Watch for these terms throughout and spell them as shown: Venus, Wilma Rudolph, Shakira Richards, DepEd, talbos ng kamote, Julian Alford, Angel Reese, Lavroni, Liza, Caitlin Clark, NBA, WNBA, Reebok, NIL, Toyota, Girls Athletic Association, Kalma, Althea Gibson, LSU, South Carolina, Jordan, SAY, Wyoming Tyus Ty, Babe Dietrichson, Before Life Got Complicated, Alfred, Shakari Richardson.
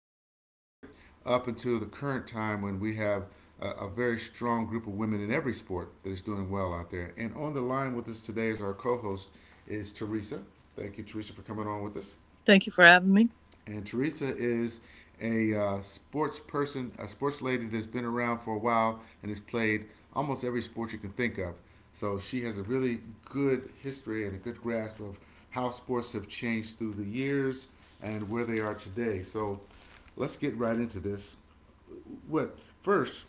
women started up until the current time when we have a very strong group of women in every sport that is doing well out there. And on the line with us today is our co host, is Teresa. Thank you, Teresa, for coming on with us. Thank you for having me. And Teresa is a sports person, a sports lady that's been around for a while and has played almost every sport you can think of. So she has a really good history and a good grasp of how sports have changed through the years and where they are today. So let's get right into this. What first?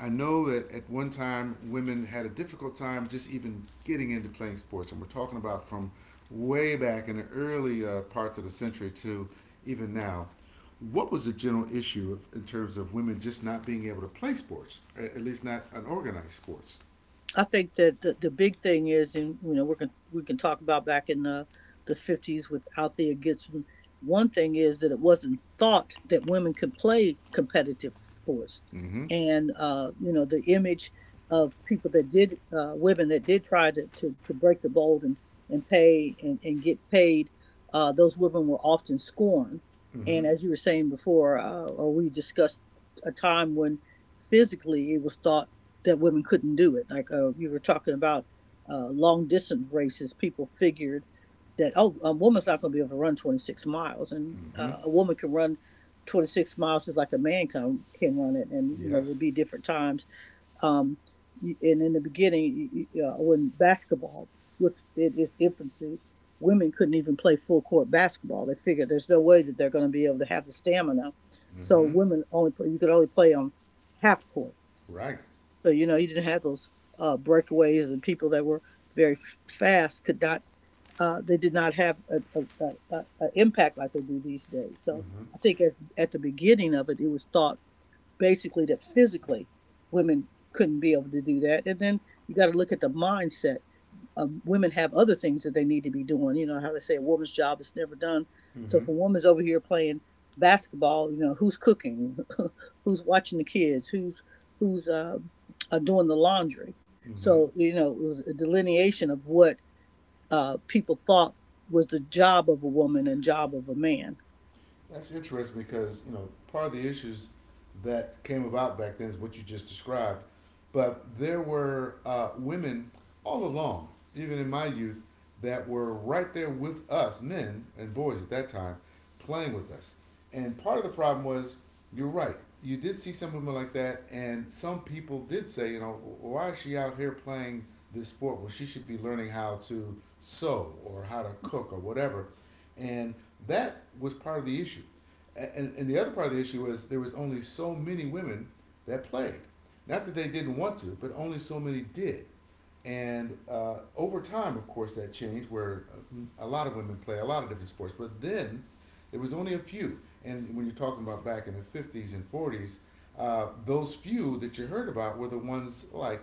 I know that at one time women had a difficult time just even getting into playing sports, and we're talking about from way back in the early parts of the century to even now. What was the general issue of, in terms of women just not being able to play sports, at least not unorganized sports? I think that the big thing is, and you know, we can talk about back in the fifties with Althea Gibson. One thing is that it wasn't thought that women could play competitive sports, Mm-hmm. and you know, the image of people that did women that did try to break the mold and pay and get paid, those women were often scorned. Mm-hmm. And as you were saying before, or we discussed a time when physically it was thought that women couldn't do it. Like you were talking about long distance races, people figured that, oh, a woman's not going to be able to run 26 miles, and Mm-hmm. A woman can run 26 miles just like a man can run it, and you know Yes. there'd be different times. Um, and in the beginning, when basketball was in its infancy, women couldn't even play full court basketball. They figured there's no way that they're going to be able to have the stamina, so Mm-hmm. women only play, you could only play on half court, Right. so you know, you didn't have those breakaways and people that were very fast could not. They did not have an impact like they do these days. So Mm-hmm. I think as, at the beginning of it, it was thought basically that physically women couldn't be able to do that, and then you got to look at the mindset. Women have other things that they need to be doing. You know how they say a woman's job is never done. So Mm-hmm. if a woman's over here playing basketball, you know who's cooking, who's watching the kids, who's doing the laundry. Mm-hmm. So you know it was a delineation of what people thought was the job of a woman and job of a man. That's interesting because you know part of the issues that came about back then is what you just described, but there were women all along, even in my youth, that were right there with us, men and boys at that time, playing with us. And part of the problem was, you're right. You did see some women like that, and some people did say, you know, why is she out here playing this sport when she should be learning how to sew or how to cook or whatever? And that was part of the issue. And the other part of the issue was there was only so many women that played. Not that they didn't want to, but only so many did. And over time, of course, that changed where a lot of women play a lot of different sports. But then there was only a few. And when you're talking about back in the 50s and 40s, those few that you heard about were the ones like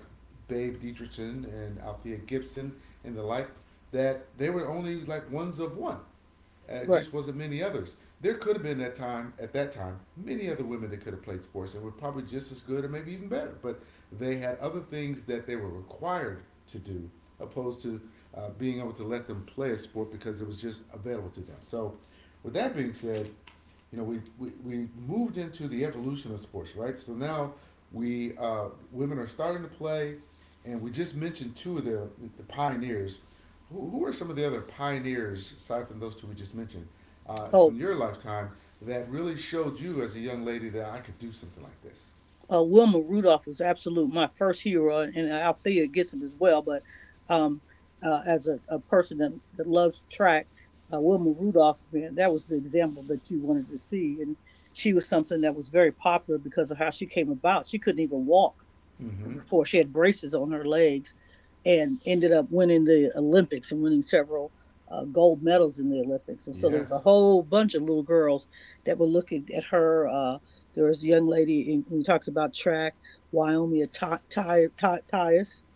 Babe Dietrichson and Althea Gibson and the like, that they were only like ones of one. Right. Just wasn't many others. There could have been that time at that time many other women that could have played sports and were probably just as good or maybe even better. But they had other things that they were required to do, opposed to being able to let them play a sport because it was just available to them. So, with that being said, you know, we moved into the evolution of sports, right? So now we women are starting to play, and we just mentioned two of the pioneers. Who are some of the other pioneers aside from those two we just mentioned from Oh, your lifetime that really showed you as a young lady that I could do something like this? Wilma Rudolph was absolute my first hero, and Althea gets him as well. But um, as a person that, that loves track, Wilma Rudolph, man, that was the example that you wanted to see, and she was something that was very popular because of how she came about. She couldn't even walk Mm-hmm. before she had braces on her legs and ended up winning the Olympics and winning several gold medals in the Olympics. And so there was a Yes. whole bunch of little girls that were looking at her. There was a young lady, in, we talked about track, Wyoming Tyus Ty,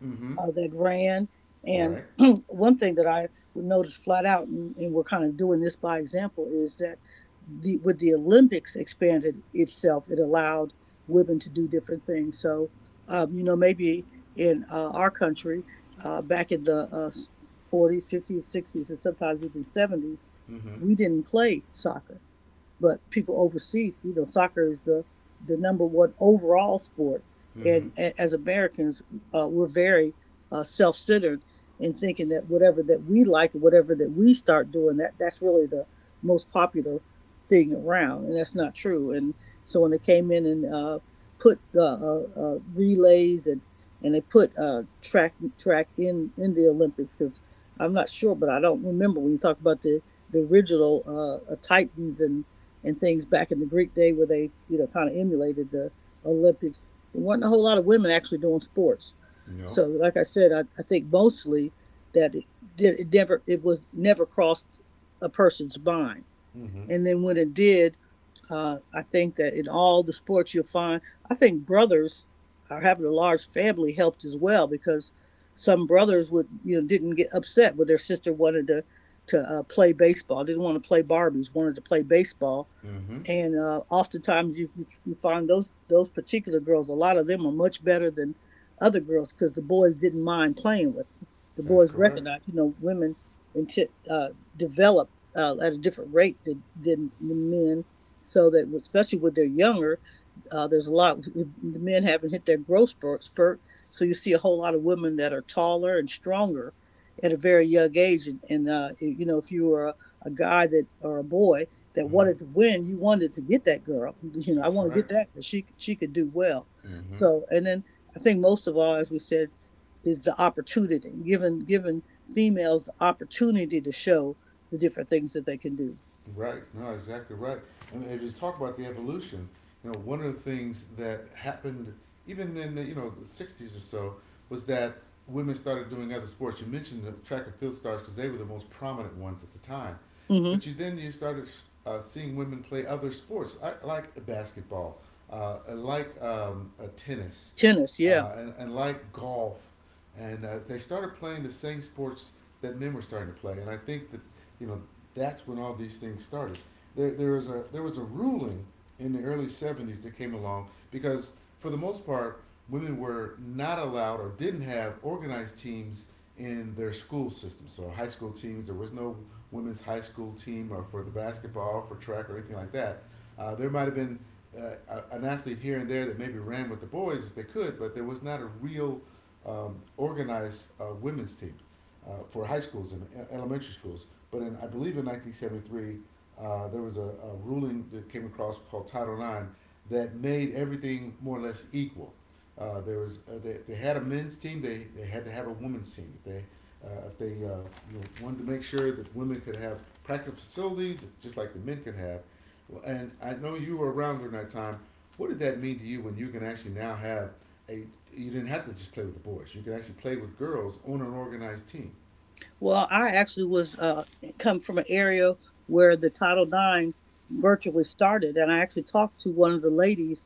Mm-hmm. That ran. And Right. one thing that I would notice flat out, and we're kind of doing this by example, is that the, with the Olympics expanded itself, it allowed women to do different things. So you know, maybe in our country, back in the 40s, 50s, 60s, and sometimes even 70s, Mm-hmm. we didn't play soccer, but people overseas, you know, soccer is the number one overall sport, Mm-hmm. And as Americans, we're very self centered in thinking that whatever that we like, whatever that we start doing, that that's really the most popular thing around, and that's not true. And so when they came in and put relays and they put track in the Olympics because I'm not sure, but I don't remember when you talk about the original Titans and things back in the Greek day where they, you know, kind of emulated the Olympics. There wasn't a whole lot of women actually doing sports. No. So, like I said, I think mostly that it, did, it was never crossed a person's mind. Mm-hmm. And then when it did, I think that in all the sports you'll find, I think brothers are having a large family helped as well because some brothers would, you know, didn't get upset when their sister wanted to play baseball, didn't want to play Barbies, wanted to play baseball, Mm-hmm. and oftentimes you, you find those particular girls. A lot of them are much better than other girls because the boys didn't mind playing with them. The That's boys correct. recognize, you know, women into, develop at a different rate than the men, so that especially when they're younger, there's a lot. The men haven't hit their growth spurt, so you see a whole lot of women that are taller and stronger at a very young age. And you know, if you were a guy that, or a boy that Mm-hmm. wanted to win. You wanted to get that girl. You know, I That's want to right. get that because she could do well. Mm-hmm. So, and then I think most of all, as we said, is the opportunity, given females the opportunity to show the different things that they can do. Right. No, exactly right. I mean, if you talk about the evolution, you know, one of the things that happened even in the, you know the '60s or so was that women started doing other sports. You mentioned the track and field stars because they were the most prominent ones at the time, Hmm. but you then you started seeing women play other sports like basketball, tennis, Tennis, yeah. And like golf, and they started playing the same sports that men were starting to play. And I think that you know that's when all these things started. There was a there was a ruling in the early '70s that came along because for the most part, women were not allowed or didn't have organized teams in their school system. So high school teams, there was no women's high school team or for the basketball, for track, or anything like that. There might have been uh, an athlete here and there that maybe ran with the boys if they could, but there was not a real organized women's team for high schools and e- elementary schools. But in, I believe in 1973, there was a ruling that came across called Title IX that made everything more or less equal. There was they, if they had a men's team, they had to have a women's team. If they you know, wanted to make sure that women could have practice facilities just like the men could have. Well, and I know you were around during that time. What did that mean to you when you can actually now have a, you didn't have to just play with the boys. You could actually play with girls on an organized team. Well, I actually was come from an area where the Title Nine virtually started, and I actually talked to one of the ladies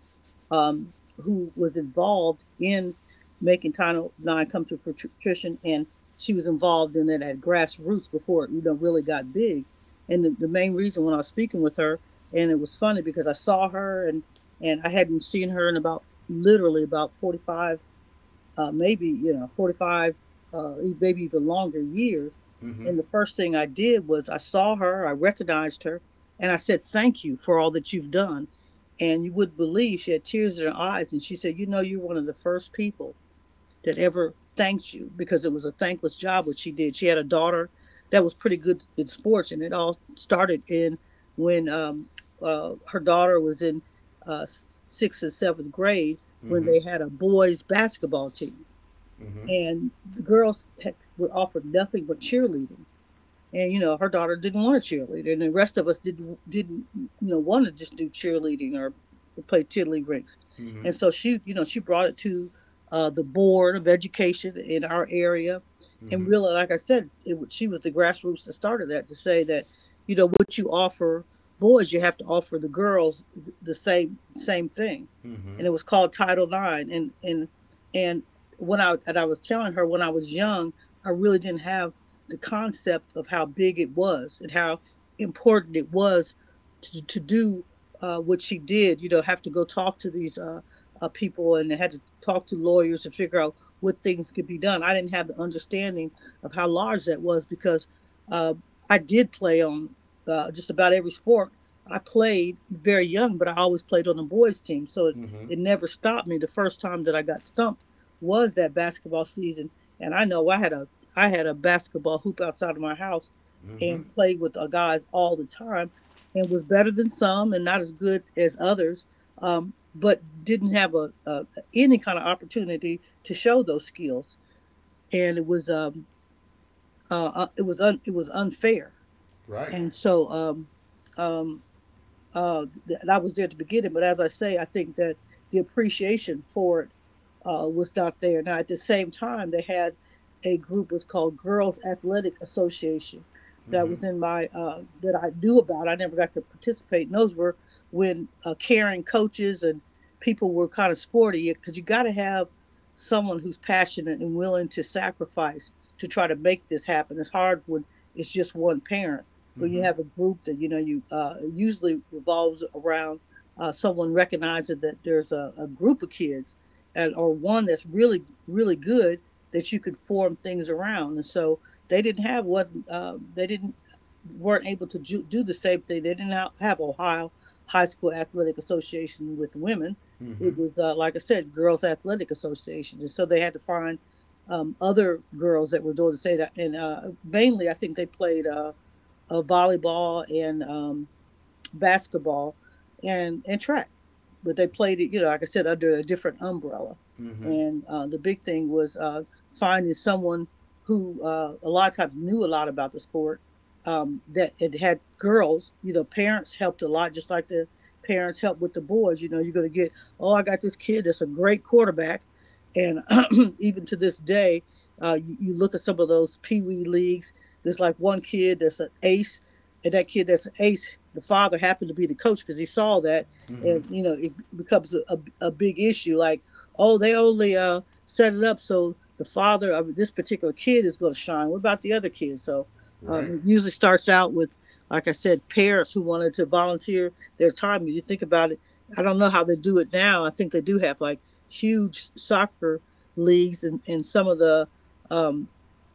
who was involved in making Title Nine come to fruition, and she was involved in it at grassroots before it, you know, really got big. And the main reason when I was speaking with her, and it was funny because I saw her and I hadn't seen her in about literally about 45, maybe you know, 45, maybe even longer years, Mm-hmm. and the first thing I did was I saw her, I recognized her and I said thank you for all that you've done, and you would believe, she had tears in her eyes, and she said, you know, you're one of the first people that ever thanked you because it was a thankless job what she did. She had a daughter that was pretty good in sports, and it all started in when her daughter was in sixth and seventh grade, when Mm-hmm. they had a boys basketball team Mm-hmm. and the girls had, were offered nothing but cheerleading, and you know her daughter didn't want to cheerleader, and the rest of us didn't, you know, want to just do cheerleading or play tiddly rinks, Mm-hmm. and so she, you know, she brought it to the board of education in our area, and Mm-hmm. really, like I said, it, she was the grassroots that started that to say that you know what you offer boys, you have to offer the girls the same thing, Mm-hmm. and it was called Title Nine. And and when I, and I was telling her, when I was young, I really didn't have the concept of how big it was and how important it was to do what she did. You know, have to go talk to these people, and they had to talk to lawyers to figure out what things could be done. I didn't have the understanding of how large that was because uh, I did play on just about every sport. I played very young, but I always played on the boys' team, so it, Mm-hmm. it never stopped me. The first time that I got stumped was that basketball season, and I know I had a basketball hoop outside of my house Mm-hmm. and played with guys all the time, and was better than some and not as good as others, but didn't have a any kind of opportunity to show those skills. And it was it was unfair. Right. And so um, uh, that I was there to begin it. But as I say, I think that the appreciation for it was not there. Now, at the same time, they had a group was called Girls Athletic Association that Mm-hmm. was in my that I knew about. I never got to participate. And those were when caring coaches and people were kind of sporty because you got to have someone who's passionate and willing to sacrifice to try to make this happen. It's hard when it's just one parent, when you Mm-hmm. have a group that you know you usually revolves around someone recognizing that there's a group of kids and or one that's really good that you could form things around, and so they didn't have what, they didn't weren't able to do the same thing. They didn't have Ohio high school athletic association with women. Mm-hmm. It was, like I said, Girls Athletic Association, and so they had to find other girls that were doing the same, and mainly I think they played of volleyball and basketball and track, but they played it, you know, like I said, under a different umbrella. Mm-hmm. And The big thing was finding someone who a lot of times knew a lot about the sport. That it had girls, you know, parents helped a lot, just like the parents helped with the boys. You know, you're going to get, oh, I got this kid that's a great quarterback, and even to this day, you look at some of those pee wee leagues. There's like one kid that's an ace, and that kid that's an ace, the father happened to be the coach because he saw that, Mm-hmm. and you know it becomes a big issue. Like, oh, they only set it up so the father of this particular kid is going to shine. What about the other kids? So Right. it usually starts out with, like I said, parents who wanted to volunteer their time. You think about it. I don't know how they do it now. I think they do have like huge soccer leagues, and some of the um,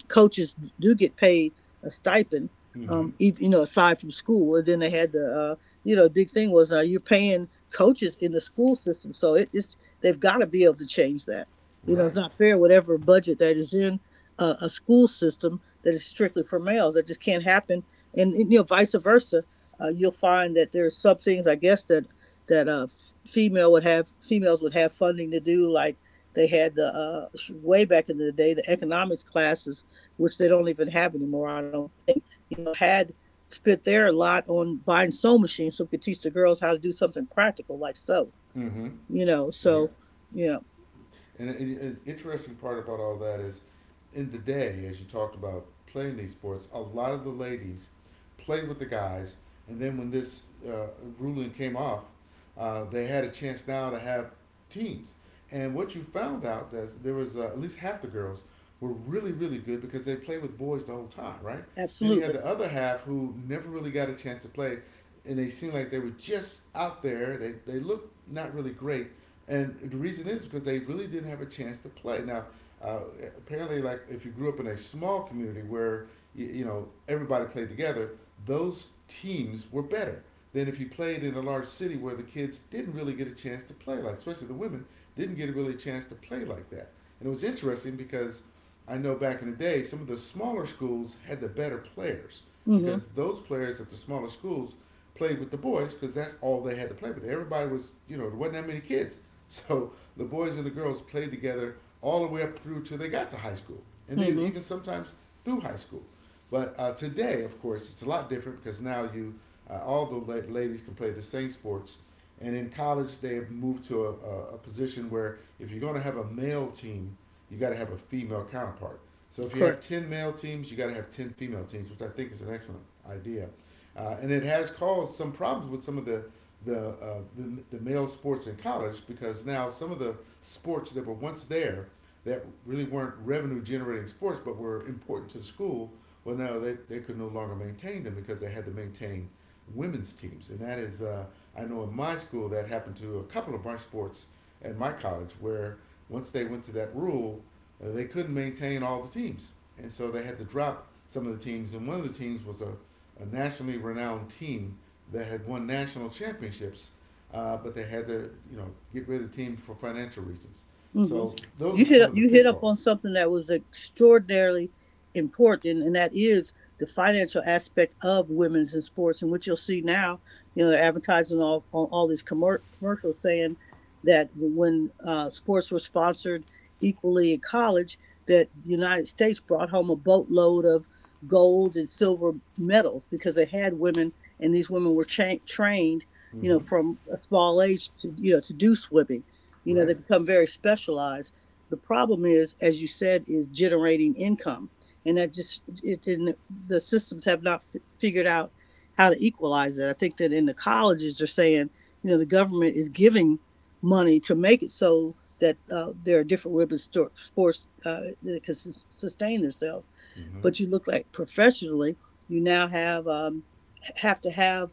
coaches do get paid a stipend, Mm-hmm. um, you know, aside from school. And then they had the, you know, the big thing was you're paying coaches in the school system, so it's they've got to be able to change that. You know, it's Right. not fair whatever budget that is in a school system that is strictly for males. That just can't happen, and you know, vice versa. You'll find that there's some things, I guess, that female would have, females would have funding to do, like they had the way back in the day the economics classes, which they don't even have anymore, I don't think, you know, had spent their lot on buying sewing machines so we could teach the girls how to do something practical like sew, Mm-hmm. you know. Yeah. So, yeah, And an interesting part about all that is, in the day, as you talked about playing these sports, a lot of the ladies played with the guys, and then when this ruling came off, they had a chance now to have teams. And what you found out is there was at least half the girls were really really good because they played with boys the whole time, right? Then you had the absolutely. other half who never really got a chance to play, and they seemed like they were just out there. They looked not really great, and the reason is because they really didn't have a chance to play. Now, uh, apparently, like if you grew up in a small community where you know everybody played together, those teams were better than if you played in a large city where the kids didn't really get a chance to play like, especially the women didn't get a really a chance to play like that. And it was interesting because I know back in the day, some of the smaller schools had the better players Mm because those players at the smaller schools played with the boys because that's all they had to play with. Everybody was, you know, there wasn't that many kids so the boys and the girls played together all the way up through till they got to high school, and hmm. Mm then hmm. even sometimes through high school. But today, of course, it's a lot different because now you all the la- ladies can play the same sports, and in college they have moved to a position where if you're going to have a male team, you got to have a female counterpart. So if you Correct. have ten male teams, you got to have ten female teams, which I think is an excellent idea, and it has caused some problems with some of the the male sports in college because now some of the sports that were once there that really weren't revenue generating sports but were important to the school well now they could no longer maintain them because they had to maintain women's teams and that is I know in my school that happened to a couple of my sports at my college where once they went to that rule they couldn't maintain all the teams and so they had to drop some of the teams and one of the teams was a nationally renowned team that had won national championships, but they had to, you know, get rid of the team for financial reasons. Hmm. So You those are some hit of the you hit up on pitfalls. something that was extraordinarily important, and that is the financial aspect of women's in sports. And what you'll see now, you know, they're advertising all on all these commercials saying that when sports were sponsored equally in college, that the United States brought home a boatload of gold and silver medals because they had women, and these women were trained, you know, Mm-hmm. from a small age to, you know, to do swimming, you know, Right. they become very specialized. The problem is, as you said, is generating income, and that just it, and the systems have not figured out how to equalize that. I think that in the colleges they're saying, you know, the government is giving money to make it so that there are different women's sports that can sustain themselves. Mm-hmm. But you look like professionally, you now have to have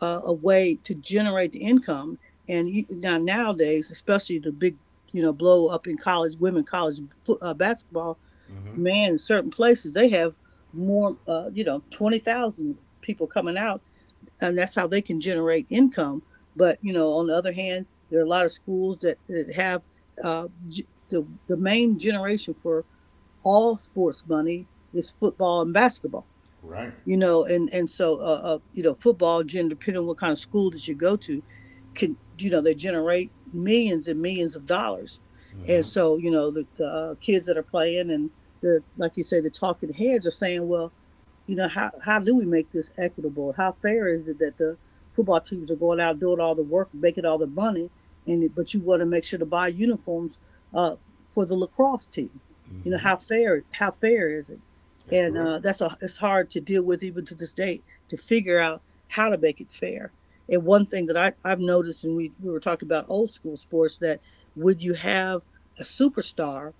a way to generate the income. And you, now nowadays, especially the big, you know, blow up in college, women college basketball, Mm-hmm. man, in certain places they have more, you know, 20,000 people coming out, and that's how they can generate income. But you know, on the other hand, there are a lot of schools that have the main generation for all sports money is football and basketball, Right. you know, and so you know football gen depending on what kind of school that you go to, can, you know, they generate millions and millions of dollars, Mm-hmm. and so you know the kids that are playing and the, like you say, the talking heads are saying, well, you know, how do we make this equitable? How fair is it that the football teams are going out doing all the work, making all the money, and but you want to make sure to buy uniforms uh, for the lacrosse team? You know, Mm-hmm. how fair is it? That's And correct. That's a, it's hard to deal with even to this day to figure out how to make it fair. And one thing that I've noticed, and we were talking about old school sports, that would you have a superstar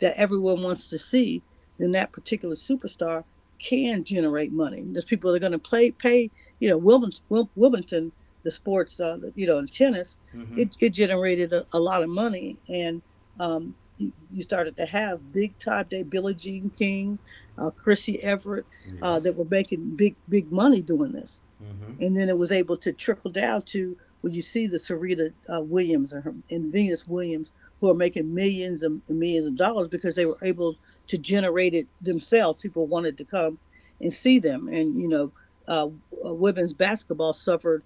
that everyone wants to see, then that particular superstar can generate money. There's people that are going to play, pay, you know, Wilmington the sports, you know, in tennis, Mm-hmm. it generated a lot of money. And you, you started to have big time day Billie Jean King, Chrissy Everett, Yeah. That were making big, big money doing this, Mm-hmm. and then it was able to trickle down to when you see the Serena Williams and, her, and Venus Williams, who are making millions and millions of dollars because they were able to generate it themselves. People wanted to come and see them, and you know, uh, women's basketball suffered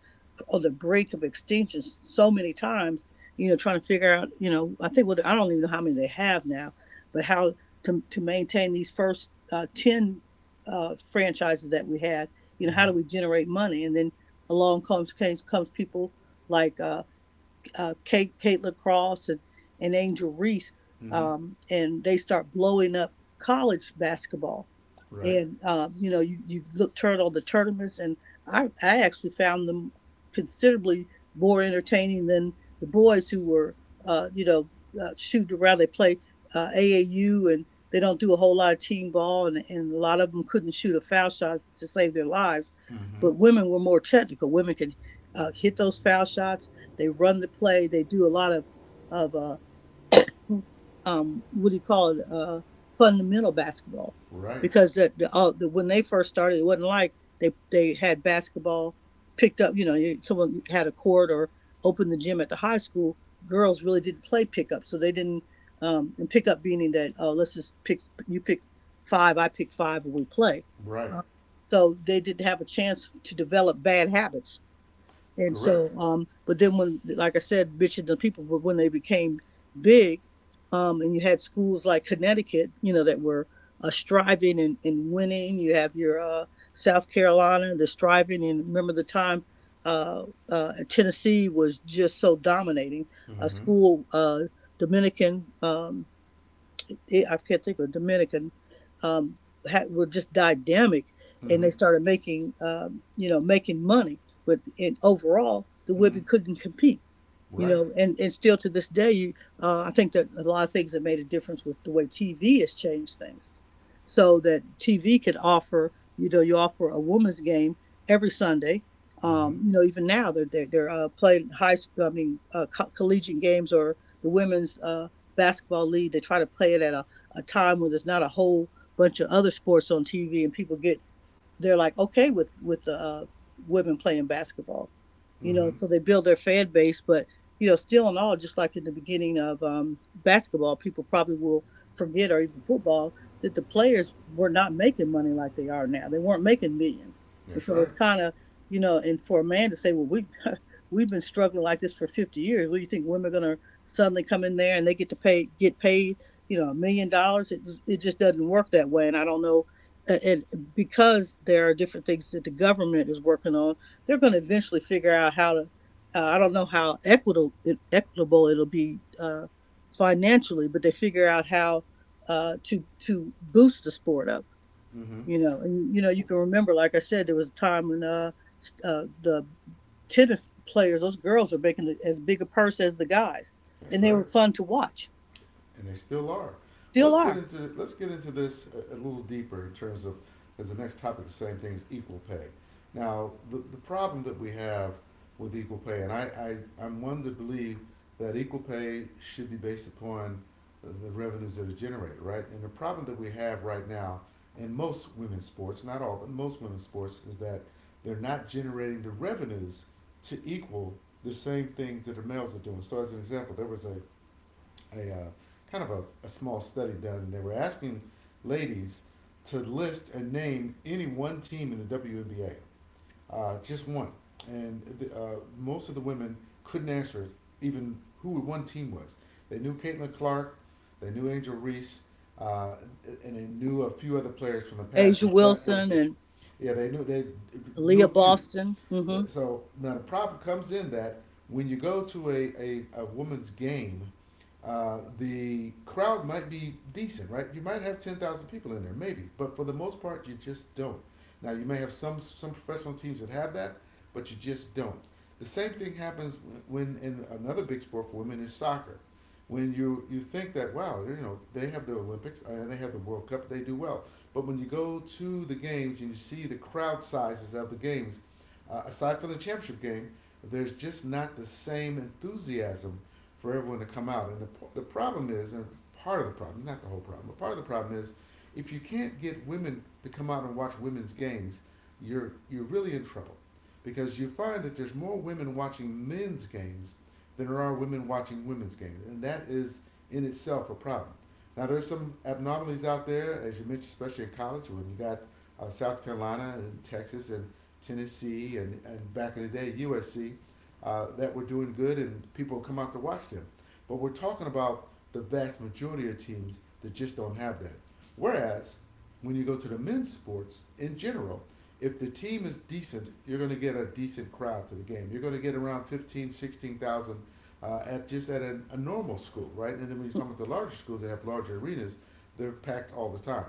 on the brink of extinction so many times. You know, trying to figure out, you know, I think what I don't even know how many they have now, but how to maintain these first ten franchises that we had, you know, how Mm-hmm. do we generate money? And then along comes people like Kate Kate Lacrosse and Angel Reese, Mm-hmm. And they start blowing up college basketball. Right. And you know you, you look turn on the tournaments, and I actually found them considerably more entertaining than the boys who were you know shoot around they play AAU, and they don't do a whole lot of team ball, and a lot of them couldn't shoot a foul shot to save their lives, Mm-hmm. but women were more technical. Women can hit those foul shots, they run the play, they do a lot of of uh what do you call it, fundamental basketball, Right. because the when they first started, it wasn't like they had basketball picked up. You know, someone had a court or opened the gym at the high school. Girls really didn't play pickup, so they didn't. And pickup meaning that, oh, let's just pick, you pick five, I pick five, and we play. Right. Um, so they didn't have a chance to develop bad habits, and Correct. so, but then when, like I said, bitching the people, but when they became big, and you had schools like Connecticut, you know, that were striving and winning. You have your South Carolina, the striving, and remember the time uh, Tennessee was just so dominating. A Mm-hmm. school, Dominican, they, I can't think of a Dominican, um, had, were just dynamic, and Mm-hmm. they started making, you know, making money. But in, overall, the Mm-hmm. women couldn't compete, you Right. know, and still to this day you I think that a lot of things have made a difference with the way TV has changed things, so that TV could offer, you know, you offer a women's game every Sunday. Mm-hmm. You know, even now they're playing high school, I mean, collegiate games, or the women's basketball league, they try to play it at a time when there's not a whole bunch of other sports on TV, and people get they're like okay with the women playing basketball, you know. Mm-hmm. So they build their fan base, but you know, still and all, just like in the beginning of basketball, people probably will forget or even football, that the players were not making money like they are now. They weren't making millions, and That's so right. it's kind of, you know, and for a man to say, well, we have we've been struggling like this for 50 years. What do you think women are going to suddenly come in there and they get to pay get paid, you know, $1 million? It it just doesn't work that way. And I don't know, and because there are different things that the government is working on, they're going to eventually figure out how to. I don't know how equitable it'll be financially, but they figure out how to boost the sport up. Mm-hmm. You know, and you know you can remember, like I said, there was a time when the tennis players, those girls, are making as big a purse as the guys, That's and they right. were fun to watch. And they still are. Still are. Let's get into this a little deeper in terms of because the next topic is the same thing as equal pay. Now the problem that we have with equal pay, and I'm one to believe that equal pay should be based upon the revenues that are generated, right? And the problem that we have right now in most women's sports, not all, but most women's sports, is that they're not generating the revenues to equal the same things that the males are doing. So, as an example, there was a kind of a small study done. And they were asking ladies to list and name any one team in the WNBA, just one. And most of the women couldn't answer even who one team was. They knew Caitlin Clark, they knew Angel Reese, uh, and they knew a few other players from the past. Asia But that was Wilson it. and Yeah, they knew Leah a few, Boston. Mm-hmm. so now the problem comes in that when you go to a woman's game, the crowd might be decent, right? You might have 10,000 people in there, maybe, but for the most part, you just don't. Now, you may have some professional teams that have that, but you just don't. The same thing happens when, in another big sport for women is soccer. When you think that, wow, you know, they have the Olympics and they have the World Cup, they do well. But when you go to the games and you see the crowd sizes of the games, aside from the championship game, there's just not the same enthusiasm for everyone to come out. And the problem is, and part of the problem, not the whole problem, but part of the problem is, if you can't get women to come out and watch women's games, you're really in trouble, because you find that there's more women watching men's games than there are women watching women's games, and that is in itself a problem. Now there's some abnormalities out there, as you mentioned, especially in college when you got South Carolina and Texas and Tennessee, and back in the day, USC, that were doing good and people come out to watch them. But we're talking about the vast majority of teams that just don't have that. Whereas when you go to the men's sports in general, if the team is decent, you're going to get a decent crowd to the game. You're going to get around 15, 16,000 at just at a normal school, right? And then when you're talking about the larger schools that have larger arenas, they're packed all the time.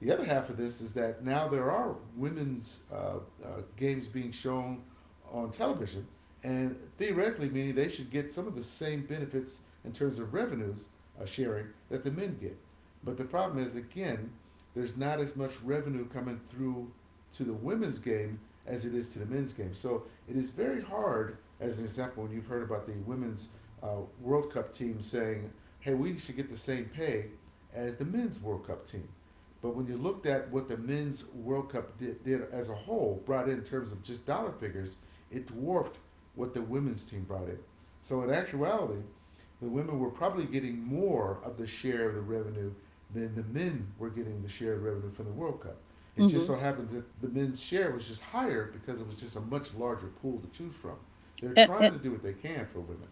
The other half of this is that now there are women's games being shown on television, and theoretically, meaning they should get some of the same benefits in terms of revenues sharing that the men get. But the problem is, again, there's not as much revenue coming through to the women's game as it is to the men's game. So it is very hard, as an example, when you've heard about the women's World Cup team saying, hey, we should get the same pay as the men's World Cup team. But when you looked at what the men's World Cup did as a whole, brought in terms of just dollar figures, it dwarfed what the women's team brought in. So in actuality, the women were probably getting more of the share of the revenue than the men were getting the share of the revenue from the World Cup. It just Mm-hmm. so happened that the men's share was just higher because it was just a much larger pool to choose from. They're And, trying and to do what they can for women.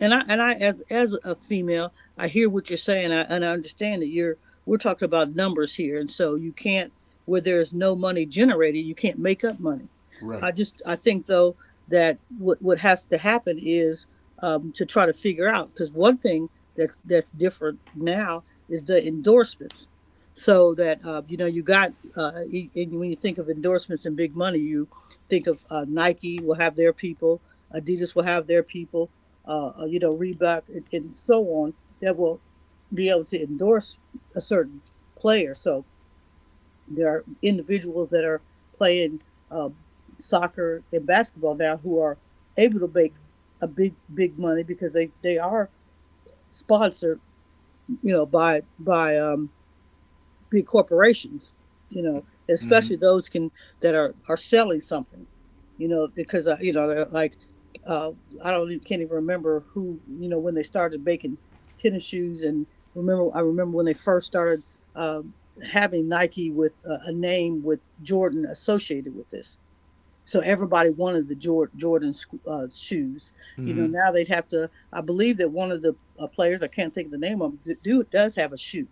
and I as a female, I hear what you're saying, I, and I understand that you're we're talking about numbers here, and so you can't where there's no money generated, you can't make up money. Right. I just I think though that what has to happen is to try to figure out because one thing that's different now is the endorsements. So that you know you got and when you think of endorsements and big money, you think of Nike will have their people, Adidas will have their people, you know, Reebok, and so on, that will be able to endorse a certain player. So there are individuals that are playing uh, soccer and basketball now who are able to make a big, big money because they are sponsored, you know, by big corporations, you know, Mm-hmm. especially those can that are selling something, you know, because you know like uh, I don't even, can't even remember who you know when they started making tennis shoes and remember I remember when they first started, um, having Nike with a name with Jordan associated with this. So everybody wanted the Jordan shoes. You know, Mm-hmm. now they'd have to. I believe that one of the players, I can't think of the name of him, do, do does have a shoe.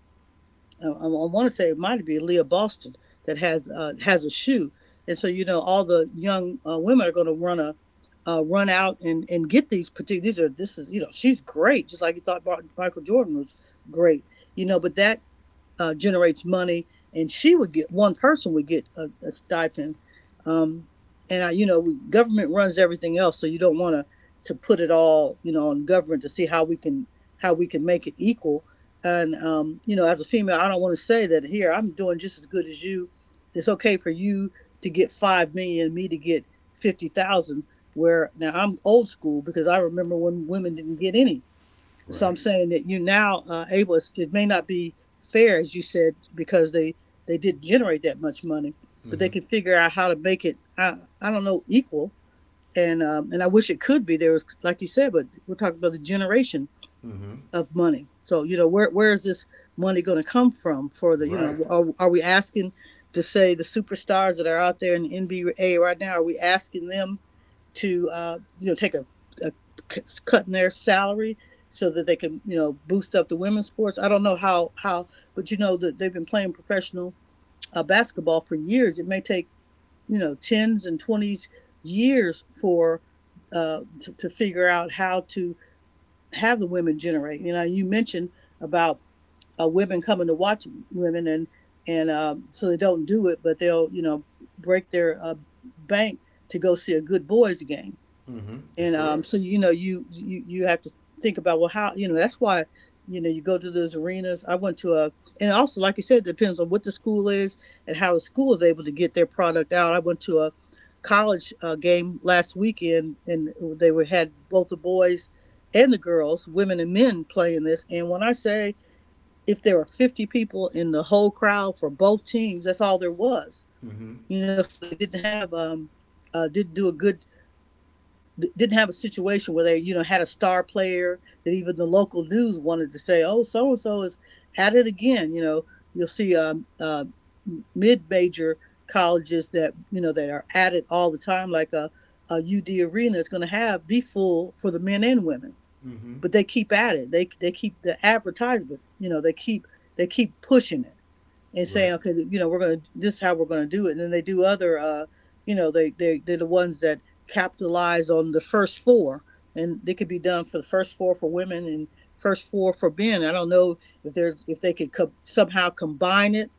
I want to say it might be Leah Boston that has a shoe, and so you know all the young women are going to run out and get these particular. These are This is you know she's great, just like you thought Michael Jordan was great, you know. But that generates money, and she would get one person would get a stipend. Um, and I, you know, government runs everything else, so you don't want to put it all, you know, on government to see how we can make it equal. And you know, as a female, I don't want to say that here I'm doing just as good as you. It's okay for you to get 5 million, me to get 50,000. Where now I'm old school because I remember when women didn't get any, so Right. I'm saying that you now able. It may not be fair, as you said, because they did generate that much money, but they Mm-hmm. can figure out how to make it. I don't know, equal, and I wish it could be there was like you said, but we're talking about the generation Mm-hmm. of money. So you know, where is this money going to come from for the you Right. know? Are we asking to say the superstars that are out there in the NBA right now? Are we asking them to you know take a cut in their salary so that they can you know boost up the women's sports? I don't know how, but you know that they've been playing professional basketball for years. It may take you know tens and twenties years for to figure out how to have the women generate. You know, you mentioned about women coming to watch women and so they don't do it, but they'll you know break their bank to go see a good boys game Mm-hmm. That's and correct. so you know you have to think about well how you know that's why you know you go to those arenas. I went to a and also like you said, it depends on what the school is and how the school is able to get their product out. I went to a college game last weekend, and they were had both the boys and the girls, women and men, playing this. And when I say if there were 50 people in the whole crowd for both teams, that's all there was. Mm-hmm. You know, so they didn't have uh, didn't do a good didn't have a situation where they, you know, had a star player that even the local news wanted to say, oh, so and so is at it again. You know, you'll see mid major colleges that, you know, that are at it all the time, like a UD arena is going to have be full for the men and women, Mm-hmm. but they keep at it. They keep the advertisement, you know, they keep pushing it and Right. saying, okay, you know, we're gonna this is how we're gonna do it. And then they do other, you know, they're the ones that capitalize on the first four, and they could be done for the first four for women and first four for men. I don't know if there's if they could somehow combine it,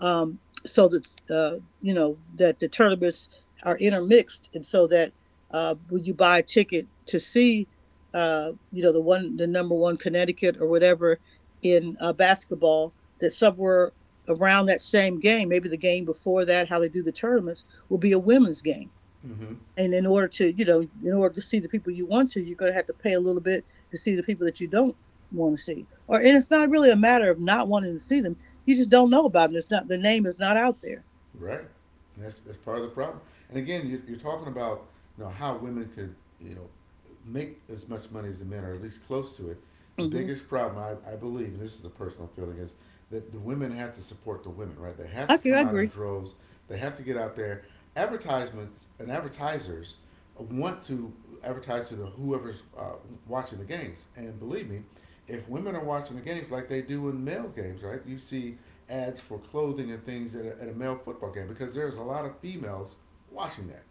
um, so that you know that the tournaments are intermixed, and so that when you buy a ticket to see. You know the one, the number one Connecticut or whatever in basketball, that somewhere around that same game, maybe the game before that, how they do the tournaments, will be a women's game. Mm-hmm. And in order to, you know, in order to see the people you want to, you're going to have to pay a little bit to see the people that you don't want to see. Or and it's not really a matter of not wanting to see them; you just don't know about them. It's not their name is not out there. Right. That's part of the problem. And again, you're talking about how women could you know make as much money as the men, or at least close to it. The Mm-hmm. biggest problem I believe, and this is a personal feeling, is that the women have to support the women. Right. They have to I come out in agree. droves. They have to get out there. Advertisements and advertisers want to advertise to the whoever's watching the games. And believe me, if women are watching the games like they do in male games, right? You see ads for clothing and things at a male football game because there's a lot of females watching that.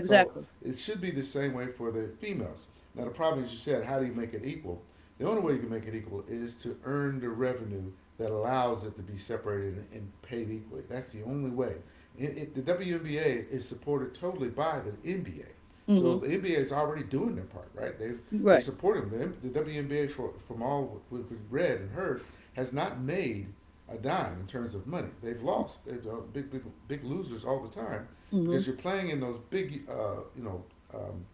So it should be the same way for the females. Now, the problem is you said, how do you make it equal? The only way you can make it equal is to earn the revenue that allows it to be separated and paid equally. That's the only way. The WNBA is supported totally by the NBA. So Mm-hmm. the NBA is already doing their part, right? They're Right. supporting them. The WNBA, for, from all we've read and heard, has not made a dime in terms of money. They've lost. They're big, big losers all the time because Mm-hmm. you're playing in those big, you know, um,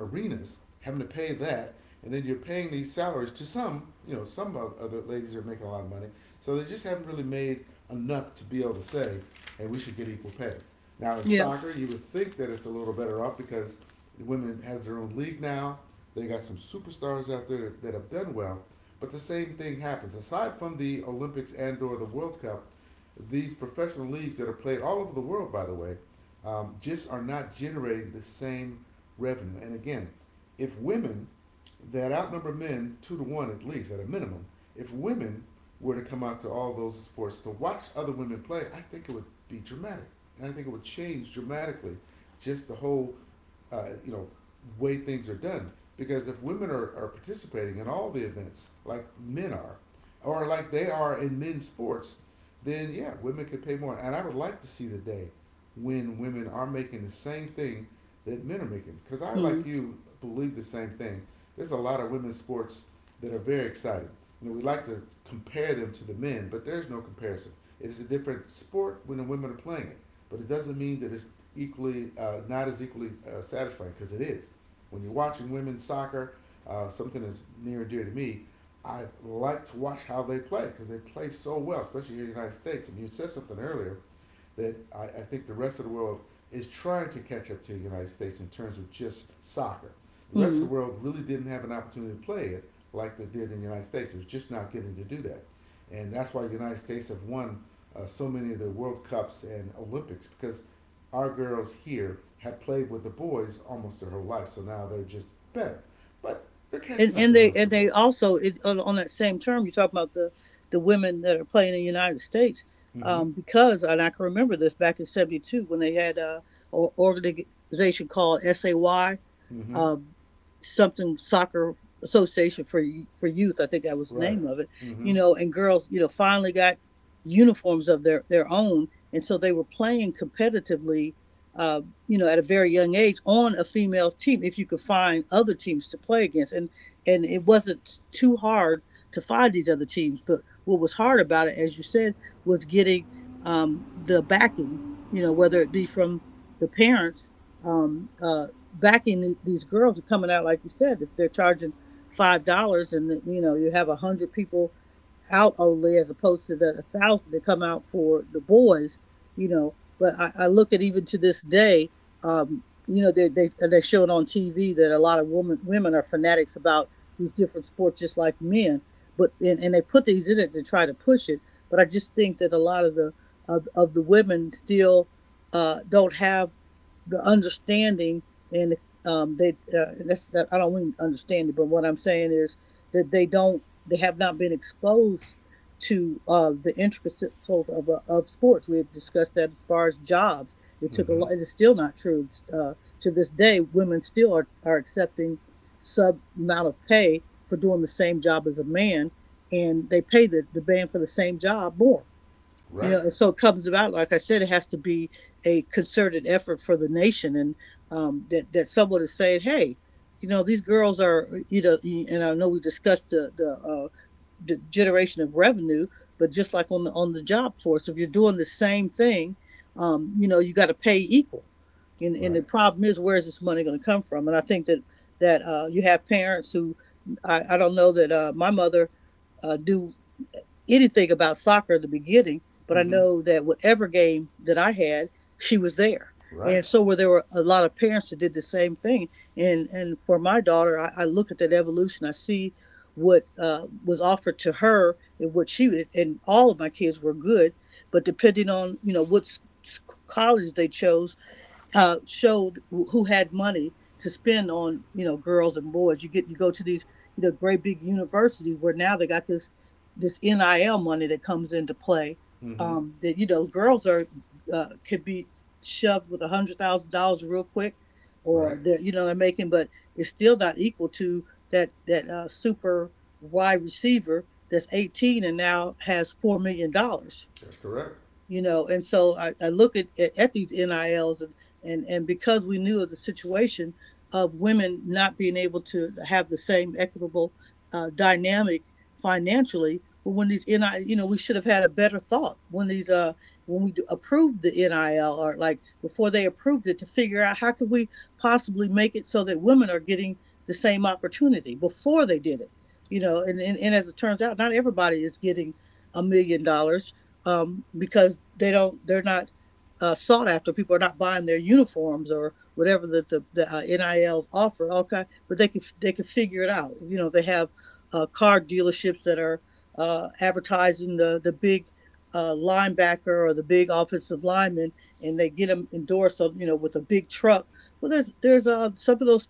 arenas, having to pay that, and then you're paying these salaries to some, you know, some other ladies are making a lot of money. So they just haven't really made enough to be able to say, hey, we should get equal pay. Now in Yeah. soccer, you would think that it's a little better off because the women has their own league now. They got some superstars out there that have done well, but the same thing happens. Aside from the Olympics and or the World Cup, these professional leagues that are played all over the world, by the way, just are not generating the same revenue. And again, if women that outnumber men 2-1 at least at a minimum, if women were to come out to all those sports to watch other women play, I think it would be dramatic, and I think it would change dramatically just the whole uh, you know, way things are done. Because if women are participating in all the events like men are, or like they are in men's sports, then yeah, women can pay more. And I would like to see the day when women are making the same thing that men are making. Because I, like Mm-hmm. you, believe the same thing. There's a lot of women's sports that are very exciting. You know, we like to compare them to the men, but there's no comparison. It is a different sport when the women are playing it, but it doesn't mean that it's equally not as equally satisfying because it is. When you're watching women's soccer, something that's near and dear to me. I like to watch how they play because they play so well, especially here in the United States. And you said something earlier that I think the rest of the world is trying to catch up to the United States in terms of just soccer. The rest Mm-hmm. of the world really didn't have an opportunity to play it like they did in the United States. They're just not getting to do that. And that's why the United States have won so many of the World Cups and Olympics because our girls here have played with the boys almost their whole life. So now they're just better. But they're and catching up and in the rest of the they world. also it, on that same term you talk about the women that are playing in the United States, Mm hmm. Because and I can remember this back in '72 when they had a organization called SAY, Mm hmm. um, something soccer association for youth. I think that was the Right. name of it. Mm hmm. You know, and girls, you know, finally got uniforms of their own, and so they were playing competitively. Uh, you know, at a very young age, on a female team, if you could find other teams to play against, and it wasn't too hard to find these other teams. But what was hard about it, as you said, was getting the backing. You know, whether it be from the parents, um, uh, backing the, these girls are coming out like you said if they're charging $5 and you know you have 100 people out only as opposed to the 1,000 that come out for the boys, you know, but I look at even to this day, you know they, they're showing on TV that a lot of women are fanatics about these different sports just like men, but and they put these in it to try to push it, but I just think that a lot of of the women still don't have the understanding and they that's that I don't mean understand it, but what I'm saying is that they have not been exposed to the intricacies of sports. We had discussed that as far as jobs, it Mm took a hmm. lot. It is still not true to this day. Women still are accepting sub amount of pay for doing the same job as a man, and they pay the man for the same job more, you Right. know, and so it comes about like I said it has to be a concerted effort for the nation, and that someone is saying hey you know these girls are you know, and I know we discussed uh, the generation of revenue, but just like on the job force if you're doing the same thing, you know you got to pay equal, and Right. the problem is where is this money going to come from, and I think that you have parents who I don't know that my mother knew anything about soccer in the beginning, but I Mm hmm. know that whatever game that I had, she was there. Right. And so where there were a lot of parents that did the same thing. And for my daughter, I look at that evolution. I see what was offered to her and what she, and all of my kids were good, but depending on you know what college they chose, showed who had money to spend on you know girls and boys. You go to these you know great big universities where now they got this NIL money that comes into play. Mm-hmm. That girls are could be shoved with $100,000 real quick, or Right. they're you know they're making, but it's still not equal to that super wide receiver that's 18 and now has $4 million. That's correct. And so I look at, at these nils. And because we knew of the situation of women not being able to have the same equitable dynamic financially, but when these NI, you know, we should have had a better thought when we approved the NIL, or like before they approved it, to figure out how could we possibly make it so that women are getting the same opportunity before they did it, you know. And as it turns out, not everybody is getting $1 million, because they're not sought after. People are not buying their uniforms or whatever that the NILs offer. Okay, but they can figure it out. You know, they have car dealerships that are advertising the big linebacker or the big offensive lineman, and they get them endorsed on, you know, with a big truck. Well, there's some of those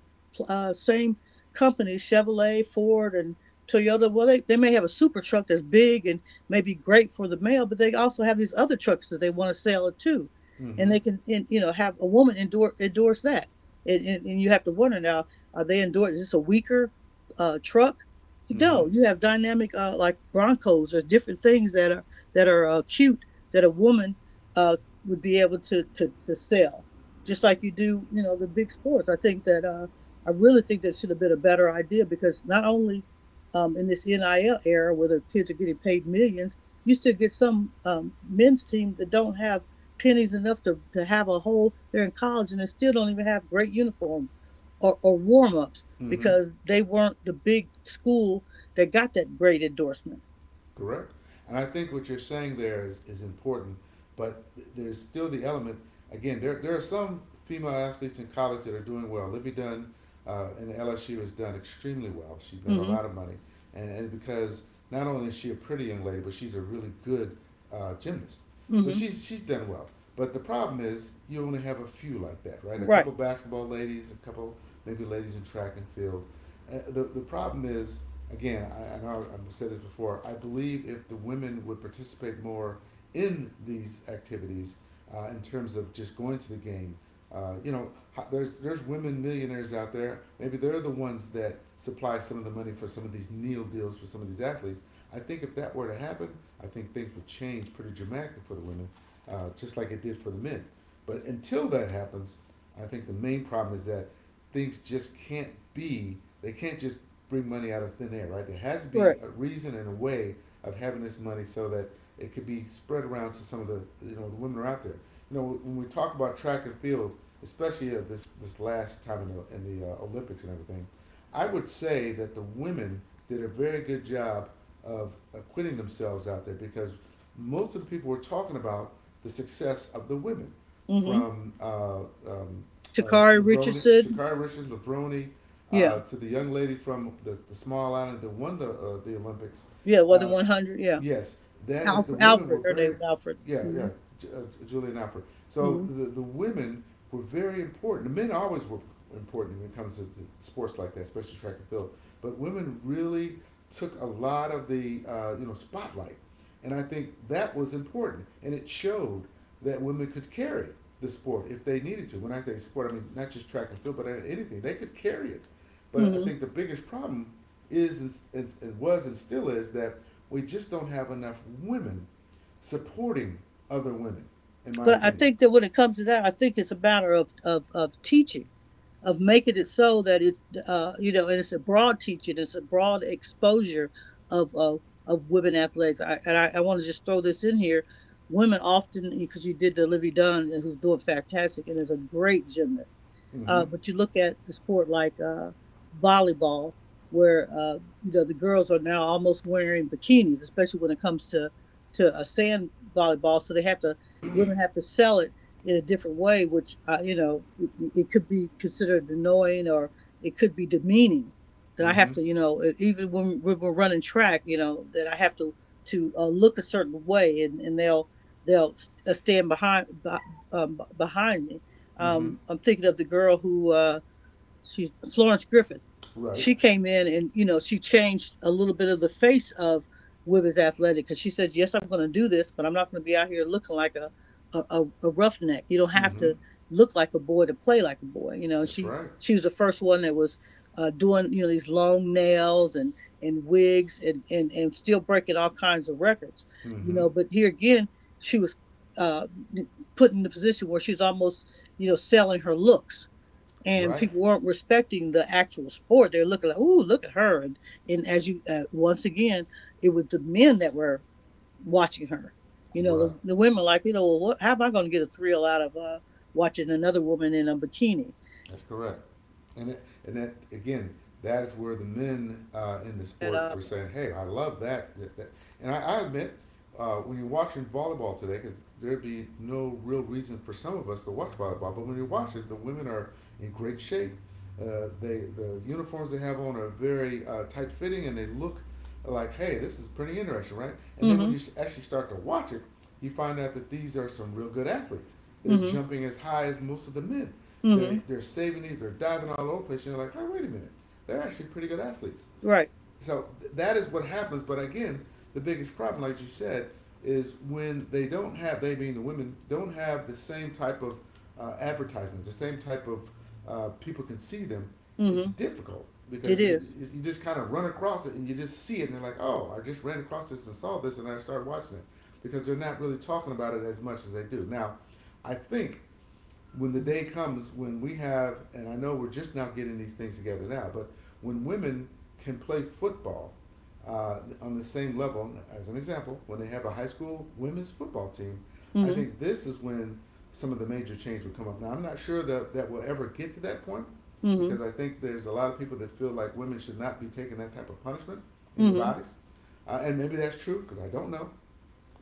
same companies: Chevrolet, Ford, and Toyota. Well, they may have a super truck that's big and may be great for the male, but they also have these other trucks that they want to sell it too, and Mm-hmm. they can, you know, have a woman endorse that. And you have to wonder now, are they endorse is this a weaker truck? Mm-hmm. No, you have dynamic like Broncos or different things that are cute, that a woman uh, would be able to, to sell, just like you do, you know, the big sports. I think that I really think that should have been a better idea, because not only in this NIL era where the kids are getting paid millions, you still get some men's team that don't have pennies enough to have a whole, they're in college and they still don't even have great uniforms or warm ups Mm-hmm. because they weren't the big school that got that great endorsement. Correct. And I think what you're saying there is important, but there's still the element. Again, there are some female athletes in college that are doing well. Livy Dunn in LSU has done extremely well. She's made a Mm lot of money. And because not only is she a pretty young lady, but she's a really good gymnast. hmm. Mm So hmm. She's done well. But the problem is, you only have a few like that, right? A couple Right. basketball ladies, a couple maybe ladies in track and field. The problem is, again, I know I've said this before. I believe if the women would participate more in these activities, in terms of just going to the game, uh, you know, there's women millionaires out there. Maybe they're the ones that supply some of the money for some of these Neil deals for some of these athletes. I think if that were to happen, I think things would change pretty dramatically for the women, just like it did for the men. But until that happens, I think the main problem is that things just can't be. They can't just bring money out of thin air, right? There has to be Correct. a reason and a way of having this money so that it could be spread around to some of the the women are out there. You know, when we talk about track and field, especially this last time in the Olympics and everything, I would say that the women did a very good job of acquitting themselves out there because most of the people were talking about the success of the women, Mm hmm. from um, uh, Shakari Lavroni, Richardson. Shakira Richards, Lavroni, Yeah. to the young lady from the small island that won the Olympics. Yeah. Well, Uh, the 100. Yeah. yes, that is the Alfred. women were Alfred. Her name very, was Alfred. yeah, yeah, Mm Julian Alford. hmm. So Mm the women were very important. The men always were important when it comes to the sports like that, especially track and field. But women really took a lot of the spotlight, and I think that was important. And it showed that women could carry the sport if they needed to. When I say sport, I mean not just track and field, but anything. They could carry it. hmm. But I Mm hmm. think the biggest problem is, and was, and still is, that we just don't have enough women supporting other women, in my But I opinion. think that when it comes to that, I think it's a matter of teaching, of making it so that it's you know, and it's a broad teaching, it's a broad exposure of of, of women athletics. And I want to just throw this in here: women often, because you did the Livy Dunn, who's doing fantastic and is a great gymnast. Mm-hmm. But you look at the sport like, volleyball, where you know the girls are now almost wearing bikinis, especially when it comes to a sand volleyball. So they have to women have to sell it in a different way, which, you know, it could be considered annoying or it could be demeaning. That I have Mm-hmm. to, you know, even when we're running track, you know, that I have to look a certain way, and they'll stand behind, behind me. Mm-hmm. I'm thinking of the girl who, she's Florence Griffith. Right. She came in and, you know, she changed a little bit of the face of women's athletic, because she says, "Yes, I'm going to do this, but I'm not going to be out here looking like a roughneck. You don't have Mm-hmm. to look like a boy to play like a boy." You know, That's she right. she was the first one that was doing, you know, these long nails and wigs and still breaking all kinds of records. You Mm-hmm. know, but here again, she was uh, put in the position where she's almost, you know, selling her looks, and Right. people weren't respecting the actual sport. They're looking like, "Ooh, look at her!" And as you, once again, it was the men that were watching her. You know, Right. the women like, you know, well, what, how am I going to get a thrill out of, watching another woman in a bikini? That's correct. And that again, that is where the men in the sport Love. were saying, "Hey, I love that." And I admit, when you're watching volleyball today, because there'd be no real reason for some of us to watch volleyball, but when you watch it, the women are in great shape. The uniforms they have on are very tight fitting, and they look like, hey, this is pretty interesting, right? And then when Mm-hmm. you actually start to watch it, you find out that these are some real good athletes. They're Mm-hmm. jumping as high as most of the men. They're Mm-hmm. they're saving these. They're diving all over the place. And you're like, oh, wait a minute, they're actually pretty good athletes. Right. So that is what happens. But again, the biggest problem, like you said, is when they being the women, don't have the same type of advertisements, the same type of people can see them. It's Mm-hmm. difficult It because is. You just kind of run across it and you just see it, and they're like, oh, I just ran across this and saw this and I started watching it, because they're not really talking about it as much as they do now. I think when the day comes when we have, and I know we're just now getting these things together now, but when women can play football on the same level, as an example, when they have a high school women's football team, I Mm-hmm. think this is when some of the major change will come up. Now, I'm not sure that, we'll ever get to that point, Mm-hmm. because I think there's a lot of people that feel like women should not be taking that type of punishment in their Mm-hmm. bodies. And maybe that's true, because I don't know.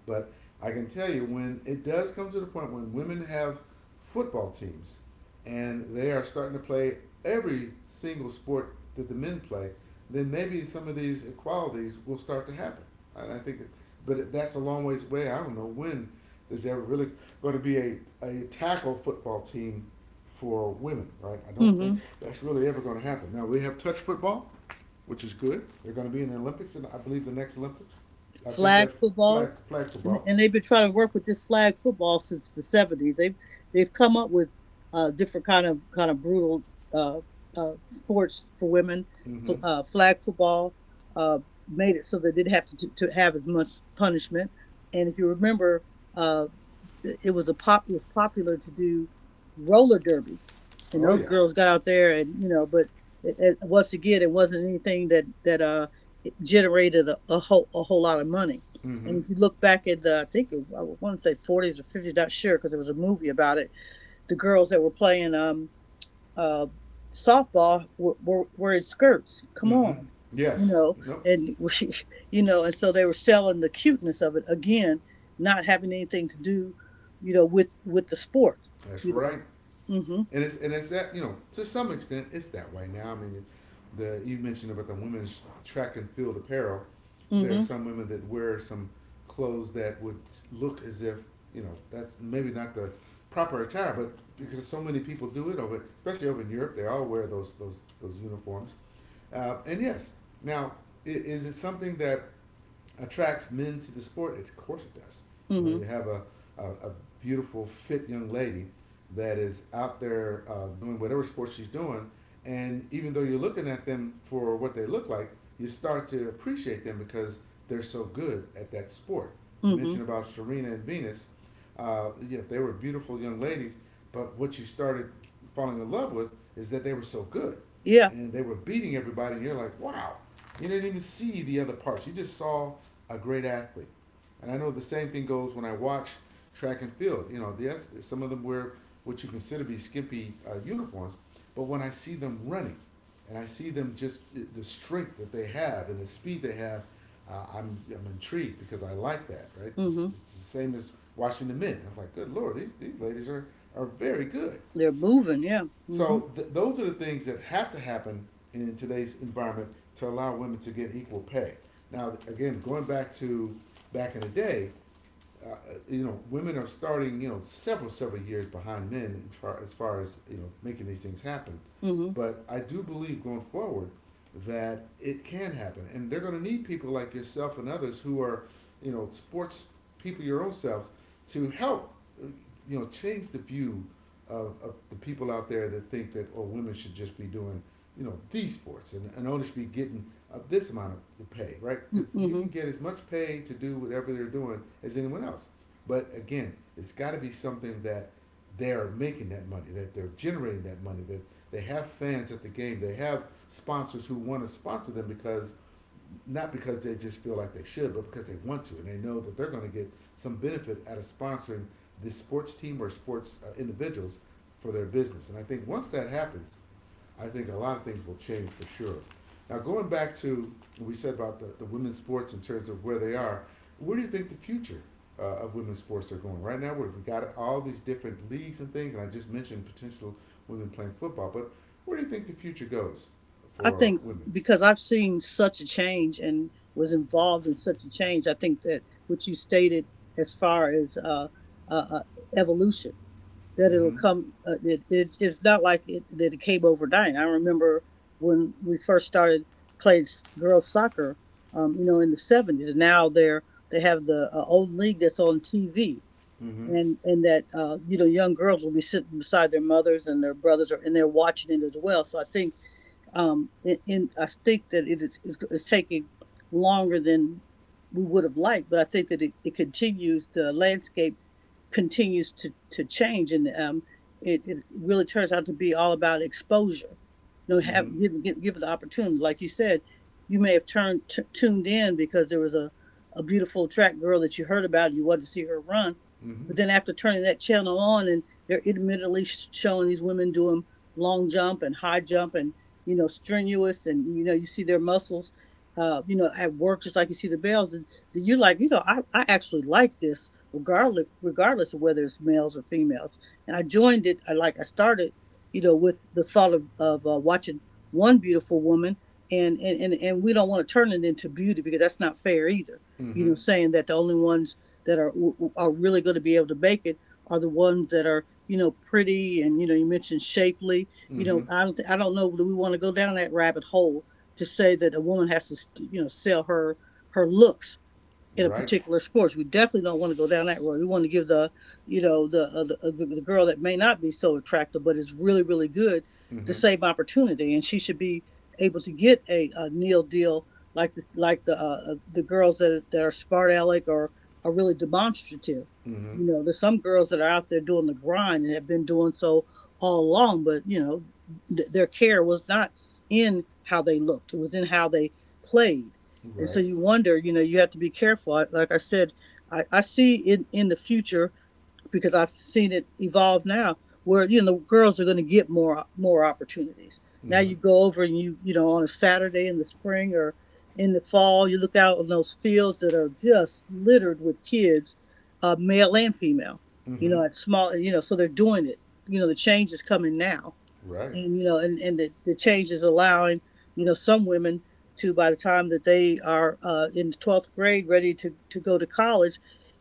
But I can tell you, when it does come to the point when women have football teams and they are starting to play every single sport that the men play, then maybe some of these equalities will start to happen. And I think, but that's a long ways away. I don't know when there's ever really going to be a tackle football team for women, right? I don't Mm-hmm. think that's really ever going to happen. Now, we have touch football, which is good. They're going to be in the Olympics, and I believe the next Olympics. I think Flag that's football. flag And, football. and they've been trying to work with this flag football since the seventies. They've come up with different kind of brutal uh, sports for women. Mm-hmm. Flag football uh, made it so they didn't have to have as much punishment. And if you remember, uh. it was a pop it was popular to do roller derby, and Oh those yeah. girls got out there and but once again, it wasn't anything that generated a whole lot of money. Mm-hmm. And if you look back at the, I think I want to say 40s or 50s, not sure, because there was a movie about it. The girls that were playing uh, softball were in skirts. Come Mm-hmm. on, you Yes. know, Nope. and we, and so they were selling the cuteness of it again, not having anything to do, with the sport, That's you know. right. Mm. And it's that, you know, to some extent it's that way now. I mean, the you mentioned about the women's track and field apparel. There are Mhm, some women that wear some clothes that would look as if, you know, that's maybe not the proper attire, but because so many people do it over, especially over in Europe, they all wear those uniforms. And yes, now is it something that attracts men to the sport? Of course it does. mm You mhm, mm know, mhm, you have a beautiful, fit young lady that is out there doing whatever sport she's doing. And even though you're looking at them for what they look like, you start to appreciate them because they're so good at that sport. mm You mhm. mentioned about Serena and Venus. Yeah, they were beautiful young ladies, but what you started falling in love with is that they were so good, Yeah, and they were beating everybody, and you're like, wow, you didn't even see the other parts. You just saw a great athlete. And I know the same thing goes when I watch track and field. You know, yes, some of them wear what you consider to be skimpy uniforms, but when I see them running, and I see them just the strength that they have and the speed they have, I'm intrigued because I like that, right? mm It's, mhm. it's the same as watching the men. I'm like, good lord, these ladies are very good. They're moving. Yeah, mm mhm, So those are the things that have to happen in today's environment to allow women to get equal pay. Now, again, going back to back in the day, uh, women are starting, several years behind men, as far as making these things happen. mm mhm, But I do believe, going forward, that it can happen, and they're going to need people like yourself and others who are, sports people your own selves to help, uh, change the view of the people out there that think that, oh, women should just be doing these sports, and only should be getting of this amount of pay, right? mm, Because you can mhm. get as much pay to do whatever they're doing as anyone else. But again, it's got to be something that they're making that money, that they're generating that money, that they have fans at the game, they have sponsors who want to sponsor them, because not because they just feel like they should, but because they want to, and they know that they're going to get some benefit out of sponsoring this sports team or sports individuals for their business. And I think once that happens, I think a lot of things will change for sure. Now, going back to what we said about the women's sports in terms of where they are, where do you think the future of women's sports are going? Right now, we've got all these different leagues and things, and I just mentioned potential women playing football, but where do you think the future goes I for think women? because I've seen such a change and was involved in such a change, I think that what you stated as far as uh, uh, evolution, that it'll Mm-hmm. come. It's not like it, that it came overnight. I remember when we first started playing girls soccer, in the seventies, and now they have the old league that's on TV. Mm-hmm. And that, young girls will be sitting beside their mothers and their brothers, and they're watching it as well. So I think in I think that it's taking longer than we would have liked, but I think that it continues, the landscape continues to change, and it, it really turns out to be all about exposure. You know, Mm-hmm. Give it the opportunity. Like you said, you may have tuned in because there was a beautiful track girl that you heard about. You wanted to see her run, Mm-hmm. but then after turning that channel on, and they're intermittently showing these women doing long jump and high jump and strenuous, and you see their muscles. At work, just like you see the bells, and you're like, I actually like this regardless of whether it's males or females. And I joined it. I started, you know, with the thought of watching one beautiful woman, and we don't want to turn it into beauty because that's not fair either. You Mm-hmm. know, saying that the only ones that are really going to be able to make it are the ones that are, pretty, and you mentioned shapely. You Mm-hmm. know, I don't know that we want to go down that rabbit hole to say that a woman has to sell her looks in a Right. particular sports. We definitely don't want to go down that road. We want to give the, you know, the girl that may not be so attractive but is really really good the Mm-hmm. same opportunity, and she should be able to get a Neil deal like the girls that are spartalic or are really demonstrative. Mm-hmm. You know, there's some girls that are out there doing the grind and have been doing so all along, but you know, their care was not in how they looked; it was in how they played. And so Right. you wonder. You know, you have to be careful. Like I said, I see in the future, because I've seen it evolve now, where, you know, girls are going to get more opportunities. Now you Mm-hmm. go over, and you, on a Saturday in the spring or in the fall, you look out on those fields that are just littered with kids, male and female, you Mm-hmm. know, at small, you know, so they're doing it. You know, the change is coming now, Right. and you know and the change is allowing some women to, by the time that they are in the 12th grade, ready to go to college,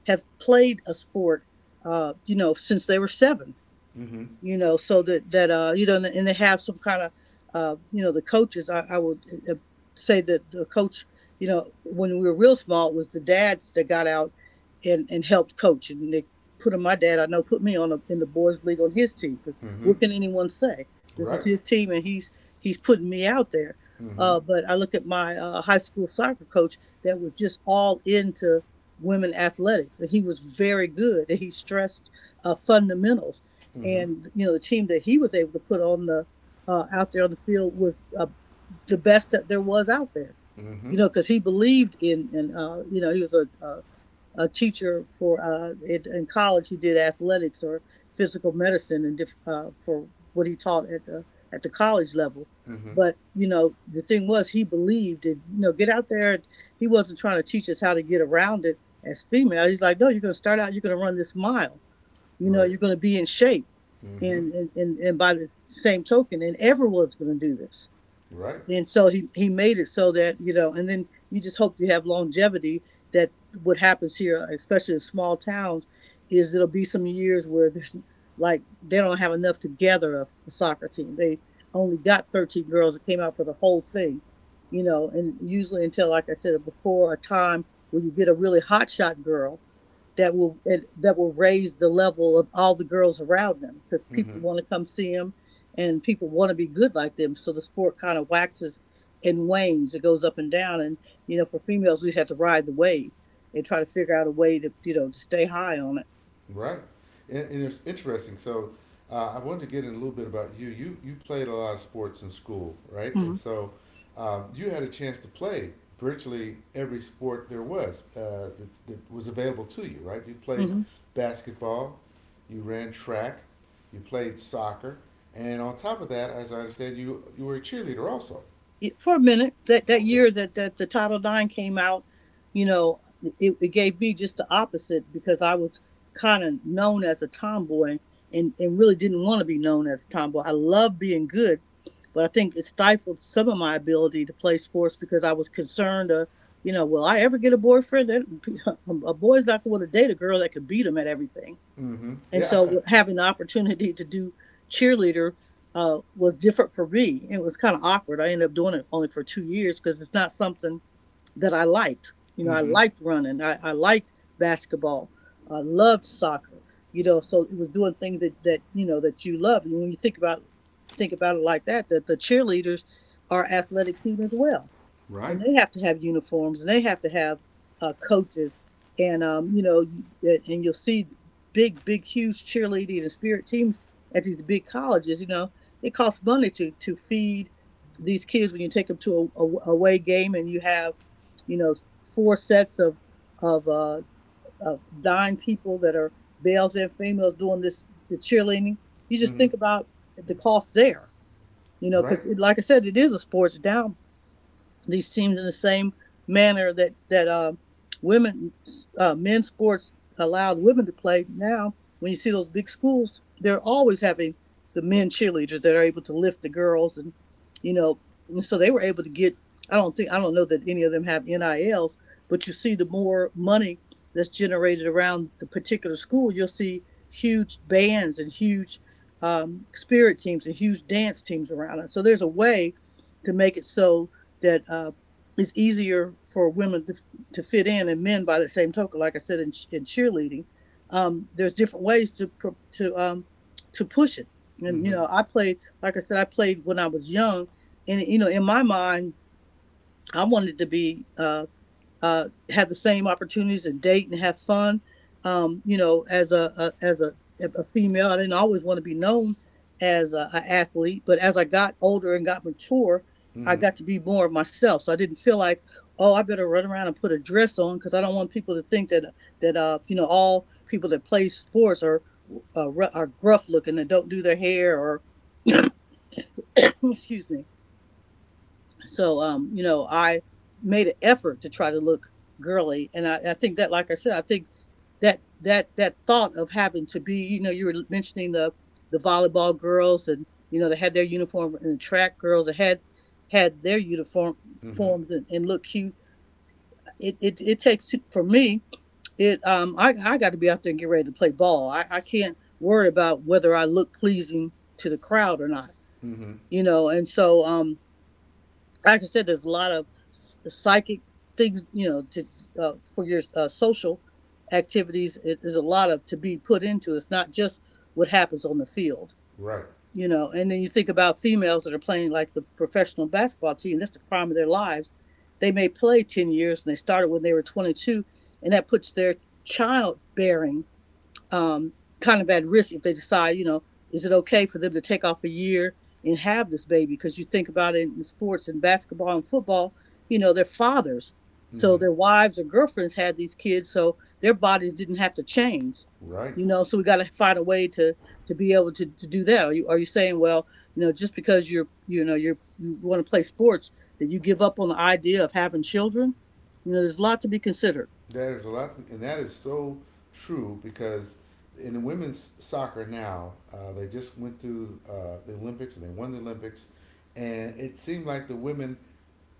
have played a sport you know, since they were seven, Mm-hmm. you know, so and they have some kind of, the coaches. I would uh, say that the coach, you know, when we were real small, it was the dads that got out and helped coach, and they put my dad. I know put me on in the boys' league on his team, because Mm-hmm. what can anyone say? This is Right. his team, and he's putting me out there. Mm-hmm. But I look at my high school soccer coach that was just all into women athletics, and he was very good, and he stressed fundamentals, Mm-hmm. and you know the team that he was able to put on the out there on the field was the best that there was out there. Mm-hmm. You know, because he believed in, and he was a teacher for in college. He did athletics or physical medicine, and for what he taught at the college level. Mm-hmm. But you know, the thing was, he believed in, get out there. And he wasn't trying to teach us how to get around it as female. He's like, no, you're going to start out. You're going to run this mile. You know, Right. you're going to be in shape. Mm-hmm. And, by the same token, and everyone's going to do this, Right. and so he made it so that, you know, and then you just hope you have longevity, that what happens here, especially in small towns, is there'll be some years where there's, like, they don't have enough to gather a soccer team. They only got 13 girls that came out for the whole thing, you know. And usually, until, like I said before, a time where you get a really hot shot girl that will that will raise the level of all the girls around them, because Mm-hmm. people want to come see them and people want to be good like them. So the sport kind of waxes and wanes. It goes up and down. And, you know, for females, we have to ride the wave and try to figure out a way to, you know, to stay high on it. Right. And it's interesting. So I wanted to get in a little bit about you. You played a lot of sports in school, right? Mm-hmm. And so you had a chance to play virtually every sport there was, that was available to you, right? You played Hmm, basketball, you ran track, you played soccer, and on top of that, as I understand, you were a cheerleader also. for a minute, that that Okay. year that that the Title IX came out, you know, it gave me just the opposite, because I was kind of known as a tomboy, and really didn't want to be known as a tomboy. I love being good, but I think it stifled some of my ability to play sports because I was concerned, you know, will I ever get a boyfriend that a boy's not going to date a girl that could beat him at everything. Mm-hmm. And Yeah. so having the opportunity to do cheerleader was different for me. It was kind of awkward. I ended up doing it only for 2 years because it's not something that I liked. You know, I Mm-hmm. liked running. I liked basketball. I loved soccer. You know, so it was doing things that you love. And when you think about it like that, that the cheerleaders are athletic team as well, Right. and they have to have uniforms, and they have to have coaches. And and you'll see big big huge cheerleading and spirit teams at these big colleges, you know. It costs money to feed these kids when you take them to a away game, and you have, you know, four sets of uh of nine people that are males and females doing this, the cheerleading. You just Mm-hmm. think about the cost there, you know, Right. because, like I said, it is a sports down these teams in the same manner that women men's sports allowed women to play. Now, when you see those big schools, they're always having the men cheerleaders that are able to lift the girls, and, you know, and so they were able to get. I don't know that any of them have NILs, but you see the more money that's generated around the particular school, you'll see huge bands and huge spirit teams and huge dance teams around it. So there's a way to make it so that it's easier for women to fit in, and men by the same token. Like I said, in cheerleading, there's different ways to um, to push it. And you Mm-hmm. know, I played. Like I said, I played when I was young, and you know, in my mind, I wanted to be. Have the same opportunities and date and have fun. You know, as a female, I didn't always want to be known as a, athlete, but as I got older and got mature, I Mm-hmm. got to be more of myself. So I didn't feel like, oh, I better run around and put a dress on because I don't want people to think that you know, all people that play sports are gruff looking and don't do their hair or excuse me. So, you know, I made an effort to try to look girly, and I think that, like I said, I think that thought of having to be, you know, you were mentioning the volleyball girls, and you know, they had their uniform, and the track girls that had their uniform Mm-hmm. forms and look cute. It takes two, for me. It I got to be out there and get ready to play ball. I can't worry about whether I look pleasing to the crowd or not, Mm-hmm. you know. And so Like I said, there's a lot of psychic things, you know, to for your social activities. It is a lot of to be put into. It's not just what happens on the field, Right. you know. And then you think about females that are playing like the professional basketball team. That's the prime of their lives. They may play 10 years, and they started when they were 22, and that puts their childbearing um, kind of at risk. If they decide, you know, is it okay for them to take off a year and have this baby? Because you think about it in sports and basketball and football, you know, their fathers. So Mm-hmm. their wives or girlfriends had these kids, so their bodies didn't have to change, Right. you know. So we got to find a way to be able to do that. Are you, are you saying, well, you know, just because you're you know you're you want to play sports that you give up on the idea of having children? You know, there's a lot to be considered. That is a lot, to and that is so true, because in the women's soccer now, they just went through the Olympics and they won the Olympics, and it seemed like the women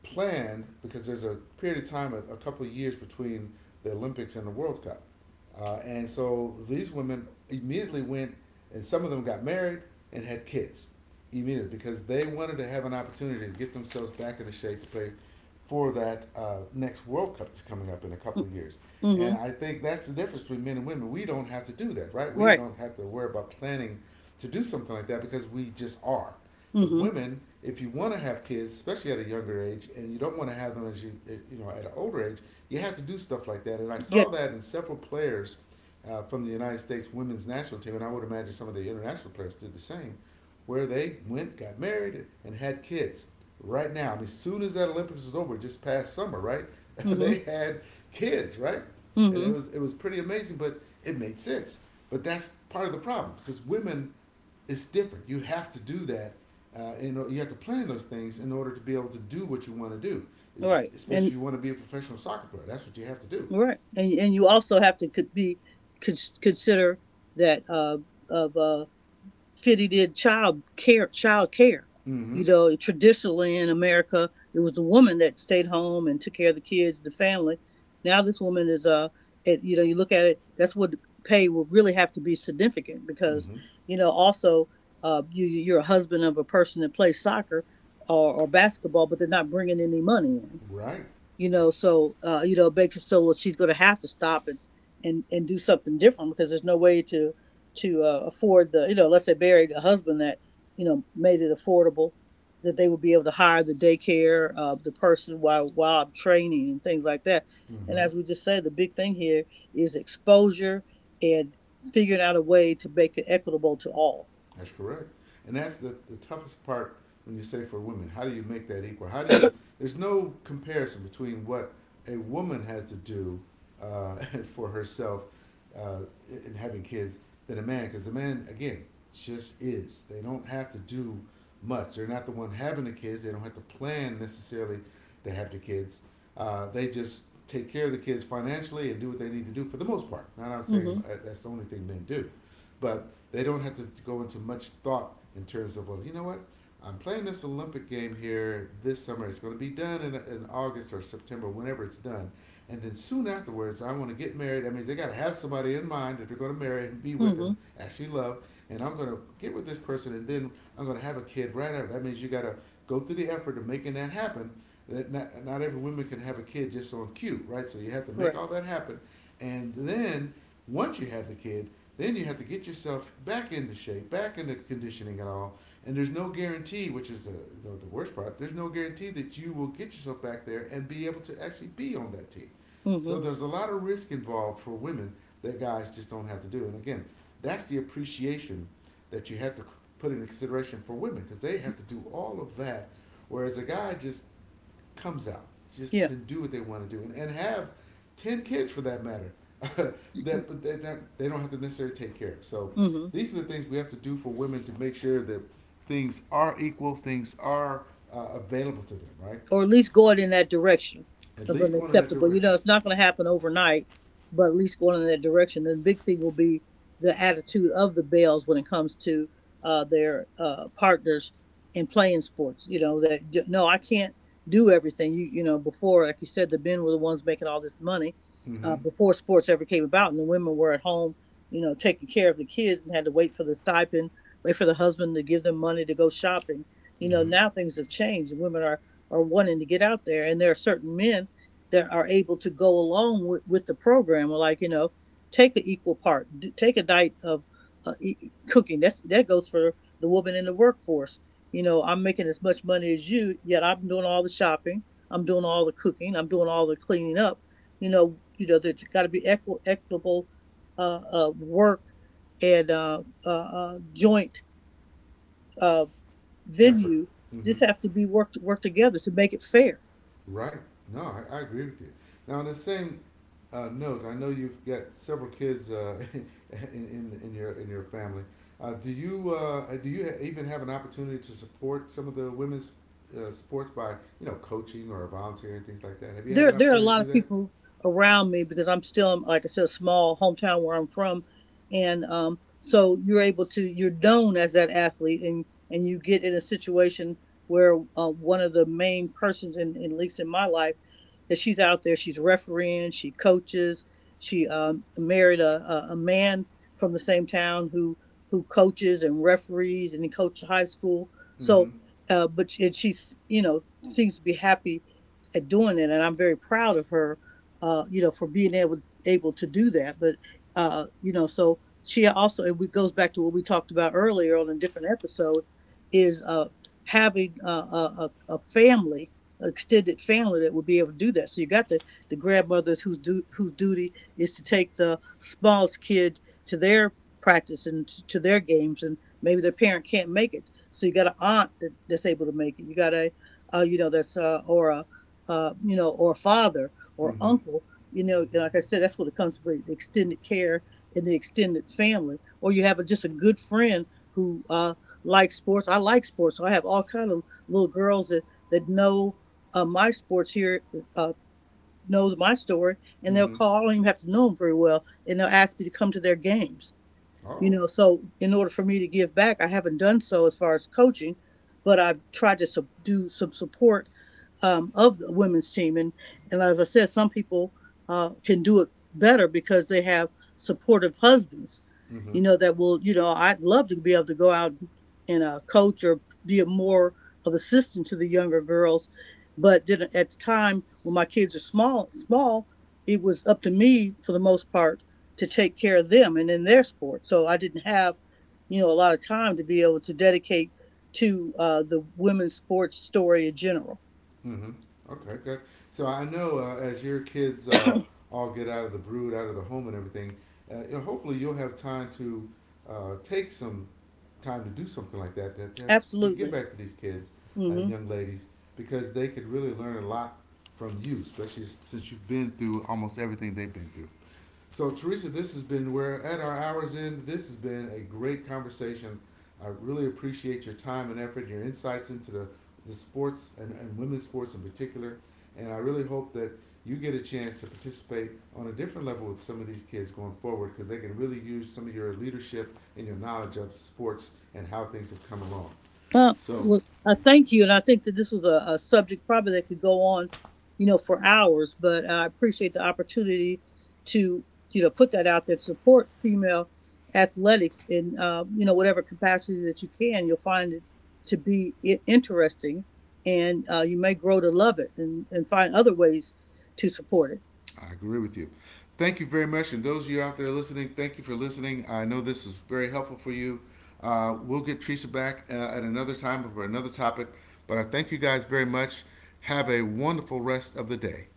planned, because there's a period of time, a couple of years between the Olympics and the World Cup. And so these women immediately went, and some of them got married and had kids immediately because they wanted to have an opportunity to get themselves back into shape to play for that next World Cup that's coming up in a Mm, couple of years. And Mm-hmm. I think that's the difference between men and women. We don't have to do that, right? We Right. don't have to worry about planning to do something like that because we just are. But Mm-hmm. women, if you want to have kids, especially at a younger age, and you don't want to have them as you eh, you know at an older age, you have to do stuff like that. And I saw Yet. that in several players from the United States women's national team, and I would imagine some of the international players did the same, where they went, got married, and had kids. Right now, I mean, as soon as that Olympics was over, just past summer, right? Mm-hmm. They had kids, right? And it Mm-hmm. was it was pretty amazing, but it made sense. But that's part of the problem, because women, it's different. You have to do that. And you have to plan those things in order to be able to do what you want to do, Right. especially if and you want to be a professional soccer player. That's what you have to do. right, and and you also have to, could be, consider that of fitting in child care. Child care, Mm-hmm. you know, traditionally in America, it was the woman that stayed home and took care of the kids, the family. Now this woman is, you know, you look at it. That's what pay will really have to be significant, because Mm-hmm. you know also, you you're a husband of a person that plays soccer or basketball, but they're not bringing any money in. Right. You know, so you know, it makes it so, well, she's going to have to stop and and do something different, because there's no way to afford the, you know, let's say, bury a husband that, you know, made it affordable, that they would be able to hire the daycare, the person, while I'm training and things like that. And Mm-hmm. as we just said, the big thing here is exposure and figuring out a way to make it equitable to all. That's correct. And that's the toughest part when you say for women. How do you make that equal? There's no comparison between what a woman has to do uh, for herself uh, in having kids than a man, because the man, again, just is. They don't have to do much. They're not the one having the kids. They don't have to plan necessarily to have the kids. They just take care of the kids financially and do what they need to do for the most part. Not I'm saying Mm-hmm. That's the only thing men do, but they don't have to go into much thought in terms of, well, you know what, I'm playing this Olympic game here this summer. It's going to be done in August or September, whenever it's done. And then soon afterwards, I want to get married. I mean, they got to have somebody in mind that they're going to marry and be with and Mm-hmm. actually love. And I'm going to get with this person, and then I'm going to have a kid right after. That means you got to go through the effort of making that happen. That not every woman can have a kid just on cue, right? So you have to make Correct. all that happen. And then once you have the kid, then you have to get yourself back into shape, back into conditioning and all. And there's no guarantee, which is, the worst part, there's no guarantee that you will get yourself back there and be able to actually be on that team. So Mm-hmm. there's a lot of risk involved for women that guys just don't have to do. And again, that's the appreciation that you have to put in consideration for women because they have to do all of that. Whereas a guy just comes out, just Yeah. can do what they want to do, and have ten kids for that matter. that, but they don't have to necessarily take care of. So Mm-hmm. these are the things we have to do for women to make sure that things are equal, things are available to them, right? Or at least going in that direction At of an least going in that acceptable. You know, direction. it's not going to happen overnight, but at least going in that direction. And the big thing will be the attitude of the Bells when it comes to their partners in playing sports. You know, that, no, I can't do everything. You know, before, like you said, the men were the ones making all this money Mm-hmm. Before sports ever came about, and the women were at home, you know, taking care of the kids and had to wait for the stipend, wait for the husband to give them money to go shopping. You know, Mm-hmm. now things have changed. Women are wanting to get out there. And there are certain men that are able to go along with the program, or, like, you know, take an equal part, take a diet of cooking. That's, that goes for the woman in the workforce. You know, I'm making as much money as you, yet I'm doing all the shopping, I'm doing all the cooking, I'm doing all the cleaning up. You know, there's got to be equitable work and joint uh, Effort. venue. Mm-hmm. Just have to be work together to make it fair. Right. No, I agree with you. Now, in the same note. I know you've got several kids in your in your family. Do you even have an opportunity to support some of the women's sports by, you know, coaching or volunteering things like that? Have you had there an there are a opportunity to lot do of that? people around me, because I'm still, like I said, a small hometown where I'm from. And so you're able to, you're known as that athlete, and you get in a situation where, one of the main persons in at least in my life, that, she's out there, she's refereeing, she coaches, she married a man from the same town, who coaches and referees, and he coached high school. Mm-hmm. So but she, and she's, you know, seems to be happy at doing it, and I'm very proud of her, you know, for being able to do that. But you know, so she also, it goes back to what we talked about earlier on a different episode, is having a family, extended family that would be able to do that. So you got the grandmothers whose duty is to take the smallest kid to their practice and to their games, and maybe their parent can't make it. So you got an aunt that, that's able to make it. You got a you know, that's or a you know, or father or Mm-hmm. uncle. You know, and like I said, that's what it comes with, the extended care and the extended family. Or you have a, just a good friend who likes sports. I like sports. So I have all kind of little girls that that know my sports here, uh, knows my story, and they'll Mm-hmm. call. I don't even have to know them very well, and they'll ask me to come to their games. You Oh. know, so in order for me to give back, I haven't done so as far as coaching, but I've tried to do some support of the women's team. And as I said, some people can do it better because they have supportive husbands, Mm-hmm. you know, that will, you know, I'd love to be able to go out and coach, or be a more of assistant to the younger girls. But then at the time when my kids are small, small, it was up to me for the most part to take care of them and in their sport. So I didn't have, you know, a lot of time to be able to dedicate to the women's sports story in general. Mm-hmm. Okay, good. So I know, as your kids all get out of the brood, out of the home, and everything, you know, hopefully you'll have time to take some time to do something like that, that you get Absolutely. back to these kids and Hmm. Young ladies because they could really learn a lot from you, especially since you've been through almost everything they've been through. So, Teresa, we're at our hour's end. This has been a great conversation. I really appreciate your time and effort, your insights into the sports and, women's sports in particular. And I really hope that you get a chance to participate on a different level with some of these kids going forward because they can really use some of your leadership and your knowledge of sports and how things have come along. So, Well, I thank you, and I think that this was a subject probably that could go on, you know, for hours. But I appreciate the opportunity to, you know, put that out there to support female athletics in, you know, whatever capacity that you can. You'll find it to be interesting, and you may grow to love it and find other ways to support it. I agree with you. Thank you very much. And those of you out there listening, thank you for listening. I know this is very helpful for you. We'll get Teresa back at another time for another topic. But I thank you guys very much. Have a wonderful rest of the day.